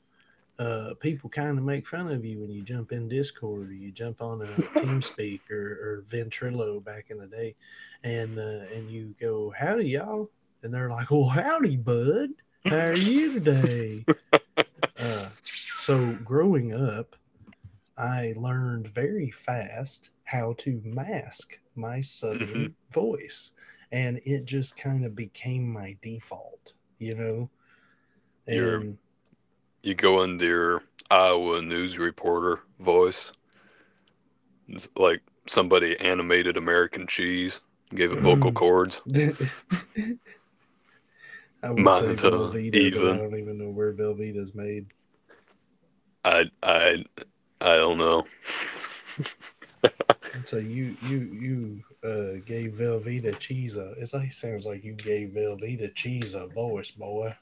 Speaker 1: uh, people kind of make fun of you when you jump in Discord, or you jump on a TeamSpeak, or, or Ventrilo back in the day, and uh, and you go, "Howdy, y'all," and they're like, "Well, howdy, bud. How are you today?" Uh, so growing up, I learned very fast how to mask my
Speaker 2: Hmm.
Speaker 1: southern voice, and it just kind of became my default, you know,
Speaker 2: You're
Speaker 1: and.
Speaker 2: you go into your Iowa news reporter voice. It's like somebody animated American cheese, gave it vocal cords.
Speaker 1: it, I would say
Speaker 2: Manta
Speaker 1: Velveeta, but I
Speaker 2: even.
Speaker 1: don't even know where Velveeta's made.
Speaker 2: I I I don't know.
Speaker 1: I'd say you you you uh, gave Velveeta cheese a. It, like, sounds like you gave Velveeta cheese a voice, boy.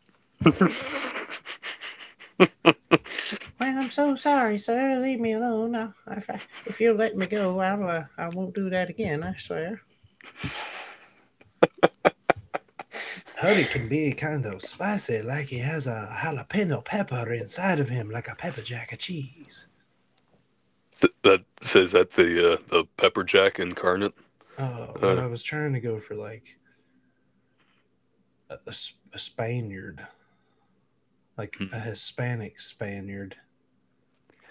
Speaker 1: Well, I'm so sorry, sir. Leave me alone. I, if I, if you'll let me go, I'll uh, I won't do that again. I swear. Hurry can be kind of spicy, like he has a jalapeno pepper inside of him, like a pepper jack of cheese.
Speaker 2: That says that the uh, the pepper jack incarnate.
Speaker 1: Uh, well,
Speaker 2: Uh,
Speaker 1: I was trying to go for like a a a Spaniard, like a
Speaker 2: hmm.
Speaker 1: Hispanic Spaniard,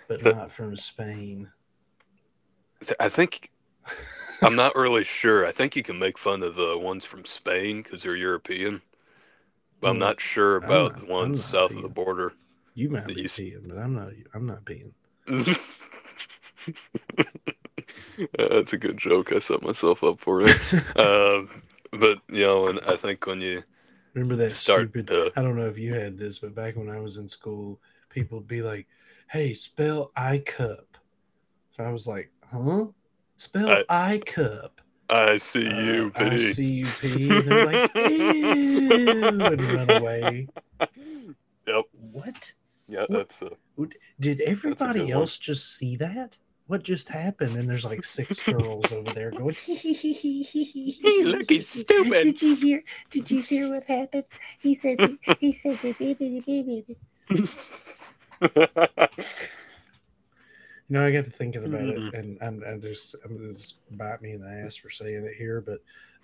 Speaker 1: but not from Spain.
Speaker 2: I think I'm not really sure. I think you can make fun of the ones from Spain because they're European but I'm
Speaker 1: Well,
Speaker 2: not sure
Speaker 1: I'm
Speaker 2: about the
Speaker 1: not. I'm
Speaker 2: ones
Speaker 1: not
Speaker 2: south of the
Speaker 1: peeing.
Speaker 2: border
Speaker 1: You might
Speaker 2: that
Speaker 1: be
Speaker 2: used.
Speaker 1: peeing, but I'm not. I'm not peeing.
Speaker 2: That's a good joke. I set myself up for there. Um, but you know, and I think when you
Speaker 1: Remember that
Speaker 2: start
Speaker 1: stupid?
Speaker 2: to,
Speaker 1: I don't know if you had this, but back when I was in school, people would be like, "Hey, spell I cup." And I was like, "Huh?
Speaker 2: I
Speaker 1: Spell I cup."
Speaker 2: I see
Speaker 1: Uh,
Speaker 2: you,
Speaker 1: I
Speaker 2: P.
Speaker 1: C U P, and they're like, "Ew," and run away.
Speaker 2: Yep.
Speaker 1: What?
Speaker 2: Yeah,
Speaker 1: What,
Speaker 2: that's a
Speaker 1: what did
Speaker 2: that's a good
Speaker 1: everybody
Speaker 2: one.
Speaker 1: else just see that? What just happened? And there's like six girls over there going,
Speaker 2: Hey, look, he's stupid.
Speaker 1: did you hear? Did you hear what happened? He said, he he said the baby, the baby. You know, I got to thinking about it, and I'm I just I'm just, bite me in the ass for saying it here, but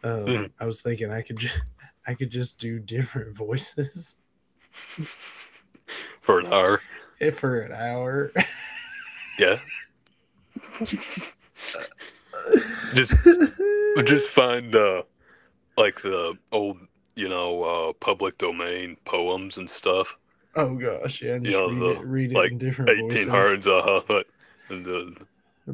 Speaker 1: um, I was thinking I could just, I could just do different voices
Speaker 2: for an hour.
Speaker 1: for an hour.
Speaker 2: Yeah. Just just find uh like the old, you know, uh, public domain poems and stuff.
Speaker 1: Oh gosh, yeah, and
Speaker 2: You
Speaker 1: just
Speaker 2: know,
Speaker 1: read
Speaker 2: the
Speaker 1: it, read it
Speaker 2: like
Speaker 1: in different voices,
Speaker 2: eighteen hundreds, uh huh. And uh,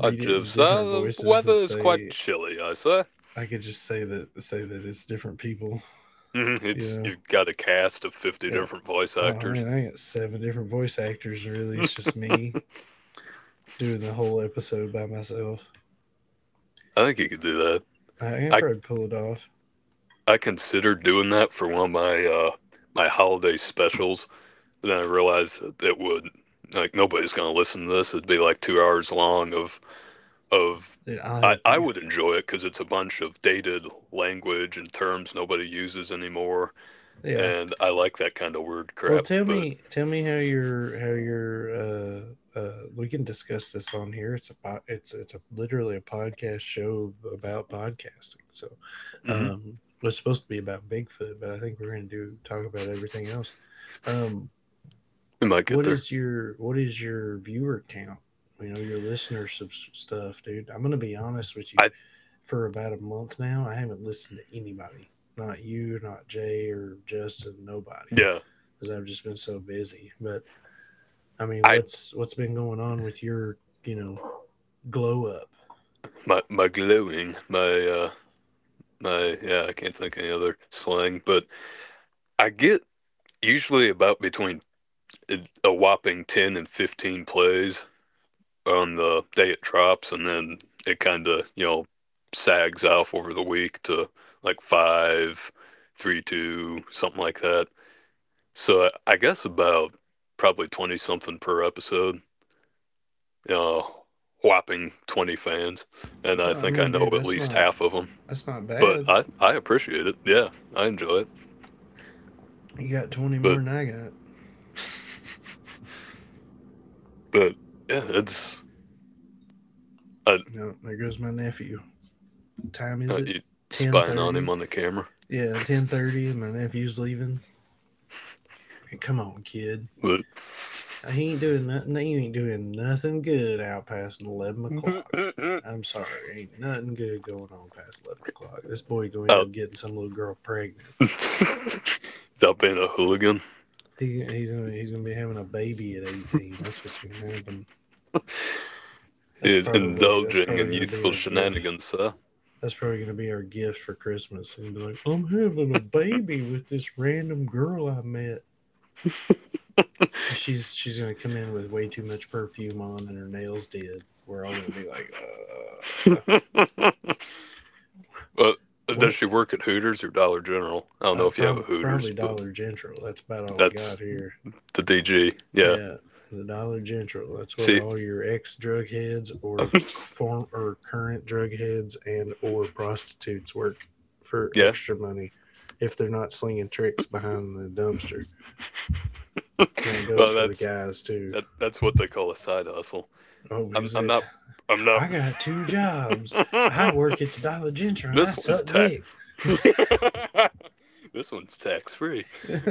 Speaker 2: I
Speaker 1: it in
Speaker 2: just,
Speaker 1: different
Speaker 2: uh, the
Speaker 1: voices,
Speaker 2: weather
Speaker 1: and
Speaker 2: is quite
Speaker 1: say
Speaker 2: chilly, I say.
Speaker 1: I could just say that say that it's different people,
Speaker 2: Mhm,
Speaker 1: you
Speaker 2: it's
Speaker 1: know?
Speaker 2: you've got a cast of fifty
Speaker 1: Yeah.
Speaker 2: different voice
Speaker 1: Oh
Speaker 2: actors.
Speaker 1: man, I got seven different voice actors, and really, it's
Speaker 2: I
Speaker 1: just me doing the
Speaker 2: think
Speaker 1: whole episode by myself.
Speaker 2: you could do that.
Speaker 1: I can
Speaker 2: I
Speaker 1: probably pull it off.
Speaker 2: I considered doing that for one of my uh my holiday specials, but then I realized that it would like nobody's gonna listen to this. It'd be like two hours long of of
Speaker 1: Yeah, I'll
Speaker 2: I,
Speaker 1: help
Speaker 2: I
Speaker 1: you.
Speaker 2: would enjoy it because it's a bunch of dated language and terms nobody uses anymore,
Speaker 1: Yeah,
Speaker 2: and I like that kind of weird
Speaker 1: well,
Speaker 2: crap.
Speaker 1: tell
Speaker 2: But
Speaker 1: me, tell me how your how your uh, uh, we can discuss this on here. It's a po- it's it's a literally a podcast show about podcasting. So,
Speaker 2: mhm.
Speaker 1: um, well, it's supposed to be about Bigfoot, but I think we're going to do talk about everything else. Um,
Speaker 2: We might get
Speaker 1: what
Speaker 2: there.
Speaker 1: is your what is your viewer count? You know your listener subs- stuff, dude. I'm going to be honest with you.
Speaker 2: I
Speaker 1: For about a month now, I haven't listened to anybody. Not you, not Jay or Justin, nobody,
Speaker 2: yeah.
Speaker 1: because I've just been so busy. But I mean,
Speaker 2: I
Speaker 1: what's what's been going on with your, you know, glow up?
Speaker 2: my my glowing my uh my yeah. I can't think of any other slang, but I get usually about between uh, a whopping ten and fifteen plays on the day it drops, and then it kind of, you know, sags off over the week to like five, three, two, something like that. So I guess about probably twenty something per episode. Uh, Whopping twenty fans, and I
Speaker 1: Well, I
Speaker 2: think I
Speaker 1: mean,
Speaker 2: know
Speaker 1: dude,
Speaker 2: at
Speaker 1: that's
Speaker 2: least
Speaker 1: not
Speaker 2: half of them.
Speaker 1: that's not
Speaker 2: But
Speaker 1: bad.
Speaker 2: I I appreciate it. Yeah, I enjoy it.
Speaker 1: You got twenty more
Speaker 2: But
Speaker 1: than I got.
Speaker 2: but yeah, it's I,
Speaker 1: No, there goes my nephew. What time is
Speaker 2: I
Speaker 1: it?
Speaker 2: you
Speaker 1: Ten
Speaker 2: spying on him
Speaker 1: thirty.
Speaker 2: on the camera.
Speaker 1: Yeah, ten thirty, and my nephew's leaving. Hey, come on, kid.
Speaker 2: But.
Speaker 1: He ain't doing nothing. He ain't doing nothing good out past eleven o'clock. I'm sorry, ain't nothing good going on past eleven o'clock. This boy gonna end
Speaker 2: Out.
Speaker 1: up getting some little girl pregnant.
Speaker 2: that being a hooligan,
Speaker 1: He, he's gonna he's gonna to be having a baby at eighteen. That's what's gonna happen.
Speaker 2: He
Speaker 1: That's
Speaker 2: is
Speaker 1: probably that's
Speaker 2: indulging
Speaker 1: probably
Speaker 2: in
Speaker 1: gonna be
Speaker 2: youthful
Speaker 1: our gift.
Speaker 2: shenanigans, sir.
Speaker 1: That's probably gonna be our gift for Christmas. And be like, I'm having a baby with this random girl I met, and she's she's gonna come in with way too much perfume on and her nails did. We're all gonna be like, uh,
Speaker 2: But does
Speaker 1: what?
Speaker 2: she work at Hooters or Dollar General? I don't know
Speaker 1: Uh,
Speaker 2: if you have a
Speaker 1: prob- probably
Speaker 2: Hooters, but
Speaker 1: Dollar General. That's about all we got
Speaker 2: that's
Speaker 1: here.
Speaker 2: the D G. Yeah.
Speaker 1: Yeah, the Dollar General. That's where
Speaker 2: See,
Speaker 1: all your ex drug heads, or form or current drug heads, and or prostitutes work for
Speaker 2: yeah.
Speaker 1: extra money if they're not slinging tricks behind the dumpster. And that goes
Speaker 2: Well,
Speaker 1: for the
Speaker 2: that's
Speaker 1: guys too.
Speaker 2: that. That's what they call a side hustle.
Speaker 1: Oh,
Speaker 2: I'm.
Speaker 1: is
Speaker 2: I'm
Speaker 1: it?
Speaker 2: not. I'm not.
Speaker 1: I got two jobs. I work at the Dollar General and I
Speaker 2: this one's
Speaker 1: suck
Speaker 2: tax.
Speaker 1: dick.
Speaker 2: this one's tax free.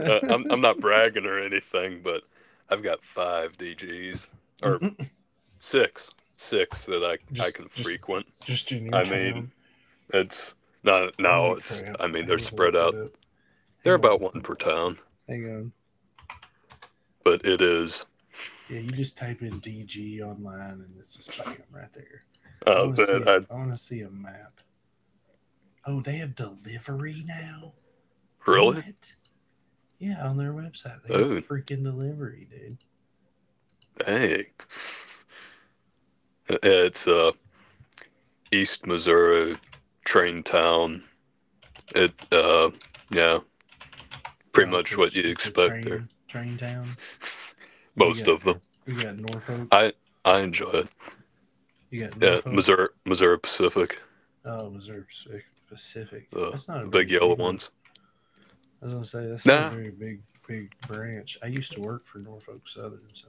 Speaker 2: Uh, I'm. I'm not bragging or anything, but I've got five D Gs. six, six, that I I
Speaker 1: just,
Speaker 2: can
Speaker 1: just,
Speaker 2: frequent.
Speaker 1: just in your
Speaker 2: I mean,
Speaker 1: town.
Speaker 2: it's not,
Speaker 1: Holy
Speaker 2: no, it's
Speaker 1: crap!
Speaker 2: I mean
Speaker 1: I
Speaker 2: they're
Speaker 1: didn't even
Speaker 2: spread
Speaker 1: look that
Speaker 2: out.
Speaker 1: up.
Speaker 2: They're
Speaker 1: Hang
Speaker 2: about one
Speaker 1: on,
Speaker 2: per town,
Speaker 1: hang on.
Speaker 2: but it is.
Speaker 1: Yeah, you just type in D G online and it's just bam right there. I
Speaker 2: Uh,
Speaker 1: want to
Speaker 2: that
Speaker 1: see a
Speaker 2: I
Speaker 1: I want to see a map. Oh, they have delivery now.
Speaker 2: really
Speaker 1: What? Yeah, on their website they have
Speaker 2: Oh
Speaker 1: freaking delivery, dude.
Speaker 2: dang, it's, uh East Missouri train town. It uh Yeah, pretty
Speaker 1: Oh, it's a
Speaker 2: much what you'd
Speaker 1: it's a
Speaker 2: expect there.
Speaker 1: train train town. We
Speaker 2: Most
Speaker 1: got
Speaker 2: of them.
Speaker 1: we got Norfolk.
Speaker 2: I I enjoy it.
Speaker 1: You got
Speaker 2: Yeah,
Speaker 1: Norfolk.
Speaker 2: Missouri Missouri Pacific,
Speaker 1: Oh, Missouri Pacific.
Speaker 2: the
Speaker 1: That's not a
Speaker 2: the
Speaker 1: very
Speaker 2: big
Speaker 1: big
Speaker 2: yellow
Speaker 1: one.
Speaker 2: ones.
Speaker 1: I was gonna say that's not a
Speaker 2: Nah,
Speaker 1: very big big branch. I used to work for Norfolk Southern, so.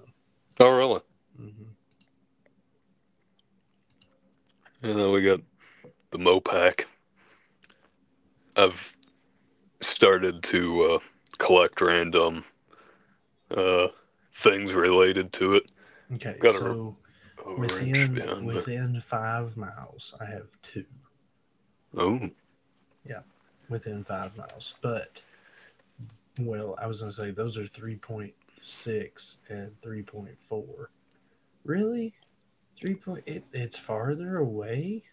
Speaker 2: oh really?
Speaker 1: Hmm.
Speaker 2: You know we got the Mopac. I've started to, uh, collect random, uh, things related to it.
Speaker 1: Okay,
Speaker 2: Got a,
Speaker 1: so
Speaker 2: a wrench
Speaker 1: Within
Speaker 2: behind me.
Speaker 1: within five miles, I have two.
Speaker 2: Oh,
Speaker 1: Yeah, within five miles. But well, I was gonna say those are three point six and three point four. Really? Three point? It, it's farther away.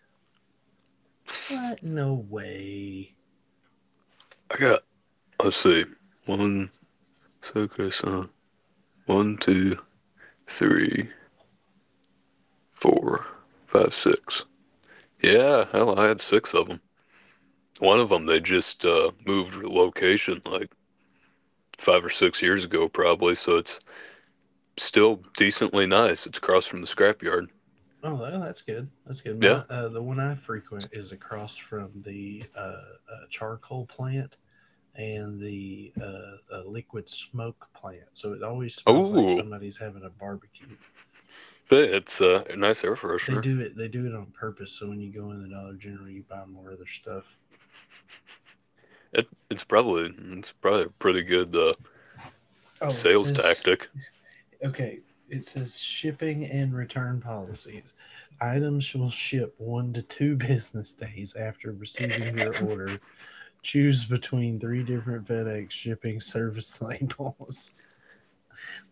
Speaker 1: What? No way.
Speaker 2: I got, let's see, one, focus on one, two, three, four, five, six. Yeah, hell, I had six of them. One of them, they just, uh, moved location like five or six years ago, probably, so it's still decently nice. It's across from the scrapyard.
Speaker 1: Oh, well, that's good. That's good. My
Speaker 2: Yeah.
Speaker 1: uh, The one I frequent is across from the uh, uh, charcoal plant and the uh, uh, liquid smoke plant. So it always smells like
Speaker 2: Oh,
Speaker 1: somebody's having a barbecue.
Speaker 2: but it's, uh, a nice air
Speaker 1: They
Speaker 2: freshener.
Speaker 1: do it. They do it on purpose. So when you go in the Dollar General, you buy more of their stuff.
Speaker 2: It, it's probably it's probably a pretty good, uh,
Speaker 1: Oh, it
Speaker 2: sales
Speaker 1: says,
Speaker 2: tactic.
Speaker 1: okay, it says shipping and return policies. Items shall ship one to two business days after receiving your order. Choose between three different FedEx shipping service labels.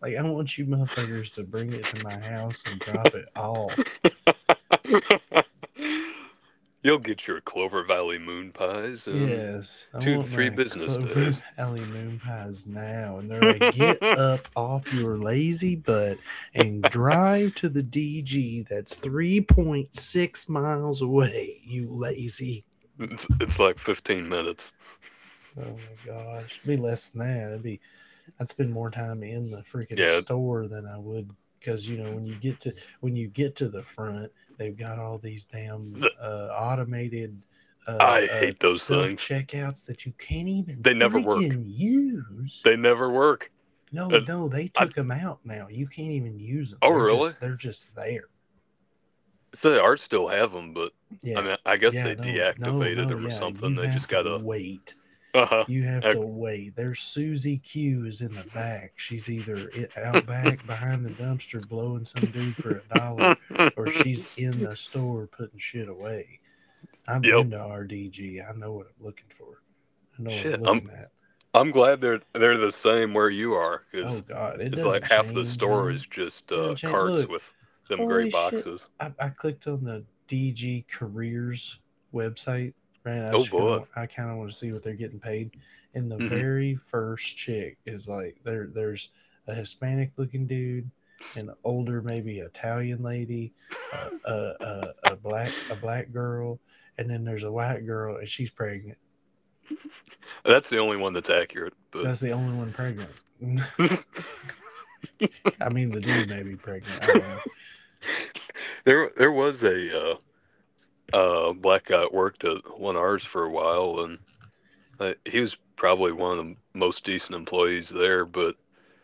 Speaker 1: Like, I want you motherfuckers to bring it to my house and drop it off.
Speaker 2: You'll get your Clover Valley moon pies in
Speaker 1: Yes, I
Speaker 2: two to
Speaker 1: want
Speaker 2: three
Speaker 1: my
Speaker 2: business
Speaker 1: Clover
Speaker 2: days.
Speaker 1: Valley moon pies now. And they're like, get
Speaker 2: it's
Speaker 1: up off your lazy butt and drive to the D G that's three point six miles away, you lazy.
Speaker 2: it's like fifteen minutes.
Speaker 1: Oh my gosh. It'd be less than that. It'd be I'd spend more time in the freaking
Speaker 2: Yeah,
Speaker 1: store than I would, because you know when you get to when you get to the front, they've got all these damn uh, automated uh,
Speaker 2: I
Speaker 1: uh,
Speaker 2: hate those
Speaker 1: self
Speaker 2: things.
Speaker 1: checkouts that you can't even
Speaker 2: They never work.
Speaker 1: freaking use.
Speaker 2: They never work.
Speaker 1: No,
Speaker 2: And
Speaker 1: no, they
Speaker 2: I
Speaker 1: took them out now. You can't even use them.
Speaker 2: Oh
Speaker 1: They're
Speaker 2: really?
Speaker 1: just they're just there.
Speaker 2: So they are still have them, but I
Speaker 1: Yeah,
Speaker 2: mean I guess
Speaker 1: yeah,
Speaker 2: they
Speaker 1: no, no,
Speaker 2: deactivated
Speaker 1: no,
Speaker 2: them or
Speaker 1: yeah.
Speaker 2: something.
Speaker 1: You
Speaker 2: They
Speaker 1: have
Speaker 2: just
Speaker 1: to
Speaker 2: got a
Speaker 1: wait
Speaker 2: uh
Speaker 1: You have to wait. There's Susie Q is in the back. She's either out back behind the dumpster blowing some dude for a
Speaker 2: Huh.
Speaker 1: dollar, or she's in the store putting shit away. I've
Speaker 2: Yep.
Speaker 1: been to R D G. I know what I'm looking for. I know what I'm
Speaker 2: Shit, I'm
Speaker 1: looking at.
Speaker 2: I'm glad they're they're the same where you are,
Speaker 1: Oh
Speaker 2: because
Speaker 1: God, it
Speaker 2: it's like
Speaker 1: doesn't
Speaker 2: half the
Speaker 1: change,
Speaker 2: store
Speaker 1: man.
Speaker 2: is just,
Speaker 1: It
Speaker 2: uh,
Speaker 1: doesn't change.
Speaker 2: carts
Speaker 1: Look,
Speaker 2: with them gray
Speaker 1: holy shit!
Speaker 2: boxes.
Speaker 1: I, I clicked on the D G Careers website, right? I
Speaker 2: Oh
Speaker 1: just kind
Speaker 2: boy.
Speaker 1: of I kind of want to see what they're getting paid, and the
Speaker 2: hmm
Speaker 1: very first chick is like, there. There's a Hispanic looking dude, an older maybe Italian lady, uh, a a a black a black girl, and then there's a white girl, and she's pregnant.
Speaker 2: that's the only one that's accurate. But
Speaker 1: That's the only one pregnant. I mean, the dude may be pregnant. I don't know.
Speaker 2: there there was a, uh, uh, black guy that worked at one of ours for a while, and, uh, he was probably one of the most decent employees there. But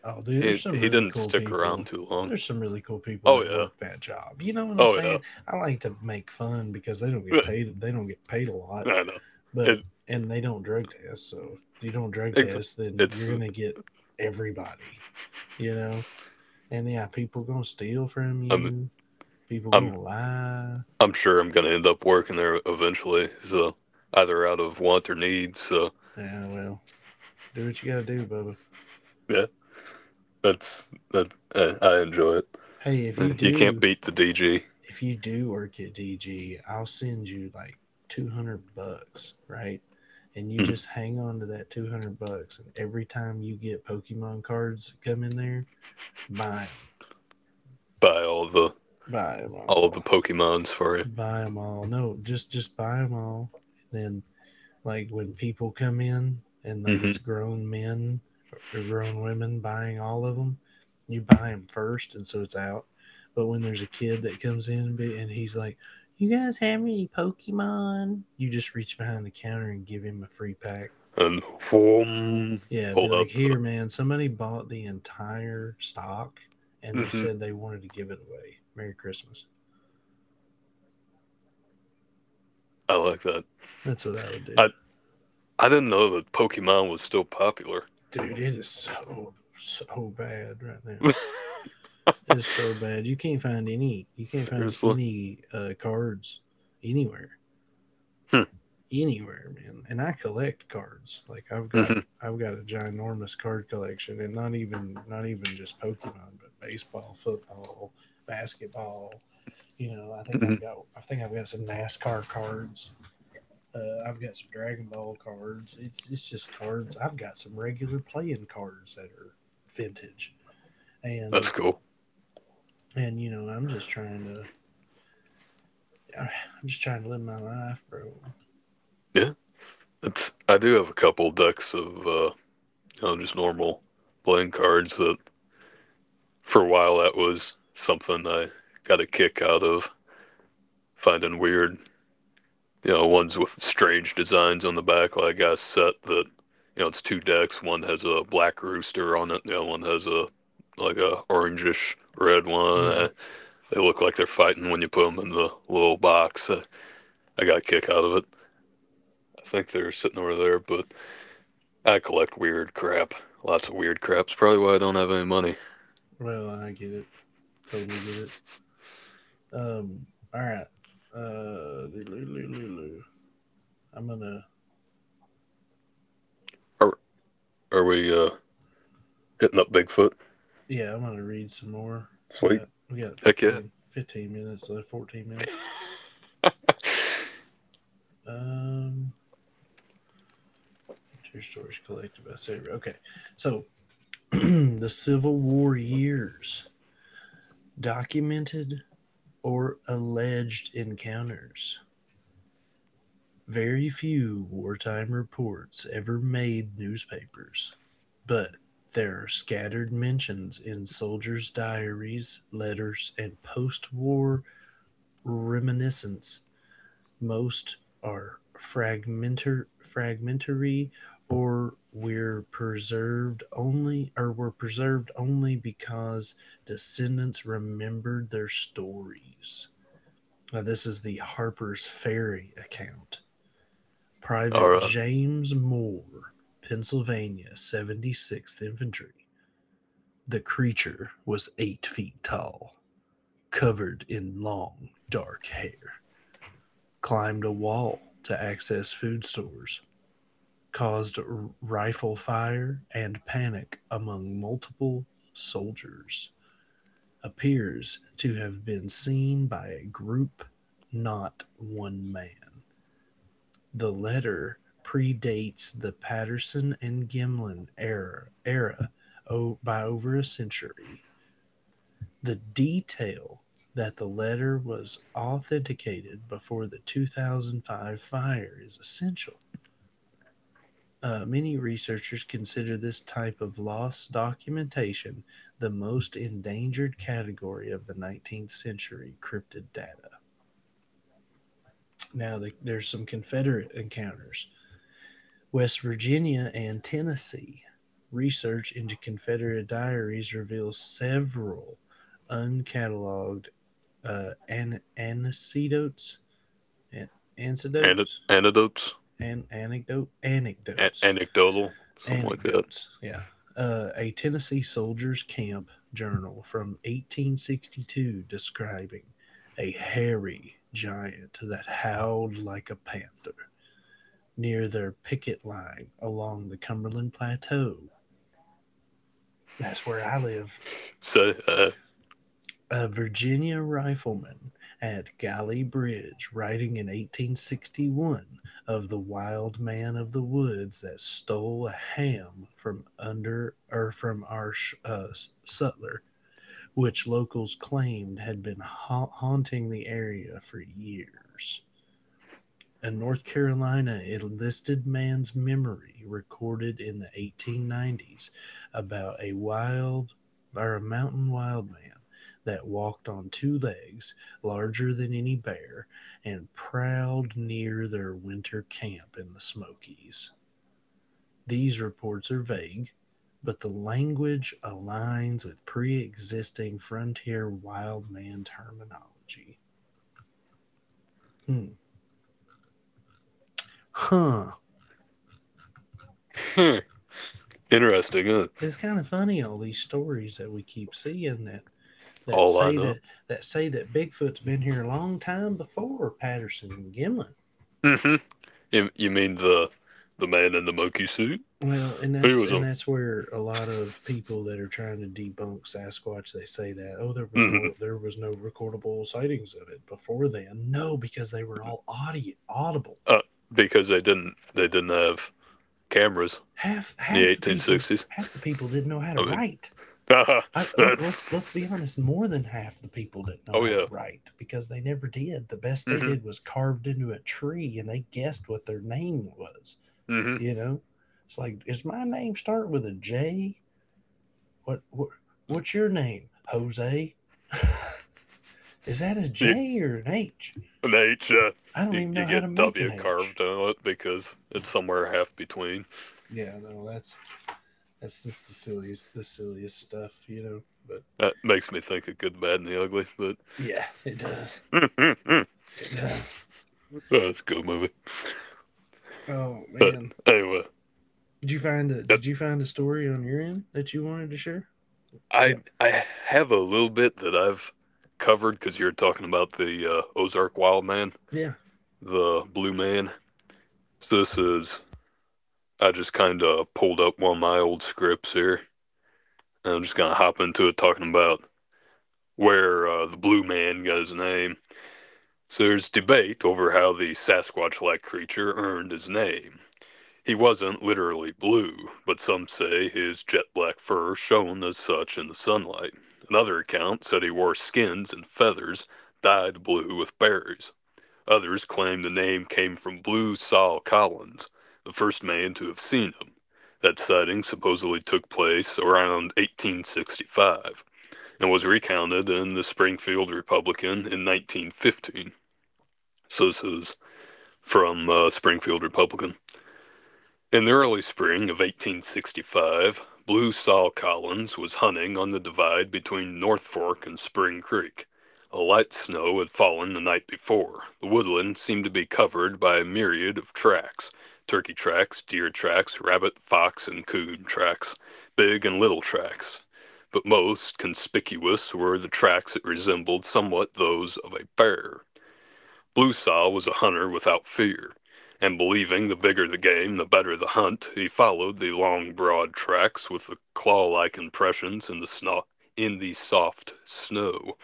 Speaker 1: Oh, dude, there's
Speaker 2: he
Speaker 1: some
Speaker 2: he
Speaker 1: really
Speaker 2: didn't
Speaker 1: cool
Speaker 2: stick around
Speaker 1: people.
Speaker 2: too long.
Speaker 1: There's some really cool people
Speaker 2: Oh
Speaker 1: that
Speaker 2: yeah,
Speaker 1: work that job. You know what I'm
Speaker 2: oh
Speaker 1: saying? I like to make fun because they don't get
Speaker 2: yeah,
Speaker 1: paid. They don't get paid a lot,
Speaker 2: I know.
Speaker 1: but
Speaker 2: It
Speaker 1: and they don't drug test. So if you don't drug
Speaker 2: it's
Speaker 1: test, then
Speaker 2: it's
Speaker 1: you're gonna get everybody. You know, and yeah, people gonna steal from
Speaker 2: I'm
Speaker 1: you. People
Speaker 2: I'm
Speaker 1: gonna lie.
Speaker 2: I'm sure I'm going to end up working there eventually. So either out of want or need. So
Speaker 1: Yeah, well, do what you gotta do, Bubba.
Speaker 2: yeah, that's that. I, I enjoy it.
Speaker 1: Hey, if you
Speaker 2: Uh, You can't
Speaker 1: do
Speaker 2: beat the D G.
Speaker 1: if you do work at D G, I'll send you like two hundred bucks, right? And you
Speaker 2: Mhm.
Speaker 1: just hang on to that two hundred bucks. And every time you get Pokemon cards that come in there, buy them.
Speaker 2: Buy all the
Speaker 1: Buy them
Speaker 2: all the
Speaker 1: all.
Speaker 2: Pokemons for you.
Speaker 1: Buy them all. No, just, just buy them all. And then, like, when people come in, and, like,
Speaker 2: Hmm.
Speaker 1: it's grown men or grown women buying all of them, you buy them first, and so it's out. But when there's a kid that comes in and he's like, you guys have any Pokemon, you just reach behind the counter and give him a free pack.
Speaker 2: And whoom,
Speaker 1: Yeah, be
Speaker 2: pull
Speaker 1: like,
Speaker 2: out the.
Speaker 1: here, man, somebody bought the entire stock and they
Speaker 2: Hmm.
Speaker 1: said they wanted to give it away. Merry Christmas.
Speaker 2: I like that.
Speaker 1: That's what I would do.
Speaker 2: I I didn't know that Pokemon was still popular.
Speaker 1: Dude, it is so, so bad right now. It's so bad. You can't find any. You can't find
Speaker 2: Seriously.
Speaker 1: any uh, cards anywhere,
Speaker 2: Hmm.
Speaker 1: anywhere, man. And I collect cards. Like, I've got,
Speaker 2: hmm
Speaker 1: I've got a ginormous card collection, and not even, not even just Pokemon, but baseball, football, basketball. You know, I think I've
Speaker 2: hmm
Speaker 1: got, I think I've got some NASCAR cards. Uh, I've got some Dragon Ball cards. It's it's just cards. I've got some regular playing cards that are vintage,
Speaker 2: That's
Speaker 1: and
Speaker 2: cool.
Speaker 1: and you know, I'm just trying to I'm just trying to live my life, bro.
Speaker 2: Yeah, it's. I do have a couple decks of, uh, you know, just normal playing cards that for a while, that was something I got a kick out of finding weird, you know, ones with strange designs on the back. Like I set that, you know, it's two decks. One has a black rooster on it. The other one has a like a orangish red one.
Speaker 1: Yeah.
Speaker 2: Uh, they look like they're fighting when you put them in the little box. Uh, I got a kick out of it. I think they're sitting over there, but I collect weird crap. Lots of weird crap. It's probably why I don't have any money.
Speaker 1: Well, I get it. Totally get it. Um. All right. Uh. Lulu. I'm gonna.
Speaker 2: are are we, uh, hitting up Bigfoot?
Speaker 1: Yeah, I'm gonna read some more.
Speaker 2: Sweet.
Speaker 1: Yeah. We got
Speaker 2: Heck yeah.
Speaker 1: fifteen fifteen minutes left. Fourteen minutes. Um. Two stories collected by Sabre. Okay. So, the Civil War years, documented or alleged encounters. Very few wartime reports ever made newspapers, but there are scattered mentions in soldiers' diaries, letters, and post war reminiscence. Most are fragmentar- fragmentary, or were preserved only or were preserved only because descendants remembered their stories. Now, this is the Harper's Ferry account.
Speaker 2: Or,
Speaker 1: Private
Speaker 2: uh,
Speaker 1: James Moore, Pennsylvania seventy-sixth Infantry. The creature was eight feet tall, covered in long, dark hair, climbed a wall to access food stores, caused rifle fire and panic among multiple soldiers, appears to have been seen by a group, not one man. The letter predates the Patterson and Gimlin era, era o- by over a century. The detail that the letter was authenticated before the two thousand five fire is essential. Uh, many researchers consider this type of lost documentation the most endangered category of the nineteenth century cryptid data. Now, the, there's some Confederate encounters: West Virginia and Tennessee. Research into Confederate diaries reveals several uncatalogued uh, an- anecdotes, an-
Speaker 2: an-
Speaker 1: anecdotes,
Speaker 2: anecdotes,
Speaker 1: and anecdote,
Speaker 2: a-
Speaker 1: anecdotes,
Speaker 2: anecdotal, something like that.
Speaker 1: anecdotes. Yeah, uh, a Tennessee soldier's camp journal from eighteen sixty-two describing a hairy giant that howled like a panther near their picket line along the Cumberland Plateau. That's where I live.
Speaker 2: So, uh,
Speaker 1: A Virginia rifleman at Galley Bridge, writing in eighteen sixty-one of the wild man of the woods that stole a ham from under or from our uh, sutler, which locals claimed had been ha- haunting the area for years. A North Carolina enlisted man's memory recorded in the eighteen nineties about a wild or a mountain wild man that walked on two legs, larger than any bear, and prowled near their winter camp in the Smokies. These reports are vague, but the language aligns with pre existing frontier wild man terminology. Hmm. Huh.
Speaker 2: hmm, interesting, huh?
Speaker 1: But it's kind of funny, all these stories that we keep seeing that that
Speaker 2: All I
Speaker 1: say that
Speaker 2: know.
Speaker 1: that say that Bigfoot's been here a long time before Patterson and Gimlin.
Speaker 2: hmm You, you mean the the man in the monkey suit?
Speaker 1: Well, and
Speaker 2: He
Speaker 1: that's
Speaker 2: was
Speaker 1: and
Speaker 2: him.
Speaker 1: that's where a lot of people that are trying to debunk Sasquatch, they say that, oh, there was
Speaker 2: hmm
Speaker 1: no there was no recordable sightings of it before then. No, because they were all audi audible.
Speaker 2: Uh, because they didn't they didn't have cameras
Speaker 1: Half
Speaker 2: in the
Speaker 1: half the people
Speaker 2: eighteen sixties.
Speaker 1: half the people didn't know how to
Speaker 2: I mean,
Speaker 1: write. I, let's let's
Speaker 2: that's
Speaker 1: be honest. More than half the people didn't know
Speaker 2: oh
Speaker 1: how to
Speaker 2: yeah.
Speaker 1: write because they never did. The best they
Speaker 2: hmm
Speaker 1: did was carved into a tree, and they guessed what their name was.
Speaker 2: hmm
Speaker 1: You know, it's like, does my name start with a J? What what what's your name, Jose? Is that a
Speaker 2: The
Speaker 1: J or an H?
Speaker 2: An H, uh,
Speaker 1: I don't
Speaker 2: you,
Speaker 1: even
Speaker 2: you
Speaker 1: know how to
Speaker 2: get
Speaker 1: make an
Speaker 2: W
Speaker 1: H.
Speaker 2: carved on it because it's somewhere half between.
Speaker 1: Yeah, no, that's that's just the silliest the silliest stuff, you know. But
Speaker 2: That makes me think of Good, Bad, and the Ugly, but
Speaker 1: yeah, it does. It does.
Speaker 2: that's a good movie.
Speaker 1: Oh
Speaker 2: But
Speaker 1: man.
Speaker 2: anyway,
Speaker 1: Did you find a
Speaker 2: that,
Speaker 1: Did you find a story on your end that you wanted to share? Yeah,
Speaker 2: I I have a little bit that I've covered because you're talking about the, uh, Ozark Wild Man,
Speaker 1: yeah.
Speaker 2: the Blue Man. So this is I just kind of pulled up one of my old scripts here, and I'm just gonna hop into it, talking about where, uh, the Blue Man got his name. So there's debate over how the Sasquatch like creature earned his name. He wasn't literally blue, but some say his jet black fur shone as such in the sunlight. Another account said he wore skins and feathers dyed blue with berries. Others claim the name came from Blue Sol Collins, the first man to have seen him. That sighting supposedly took place around eighteen sixty-five and was recounted in the Springfield Republican in nineteen fifteen. So this is from, uh, Springfield Republican. In the early spring of eighteen sixty-five, Blue Sol Collins was hunting on the divide between North Fork and Spring Creek. A light snow had fallen the night before. The woodland seemed to be covered by a myriad of tracks: turkey tracks, deer tracks, rabbit, fox, and coon tracks, big and little tracks. But most conspicuous were the tracks that resembled somewhat those of a bear. Blue Sow was a hunter without fear, and believing the bigger the game the better the hunt, he followed the long, broad tracks with the claw-like impressions in the snow, in the soft snow.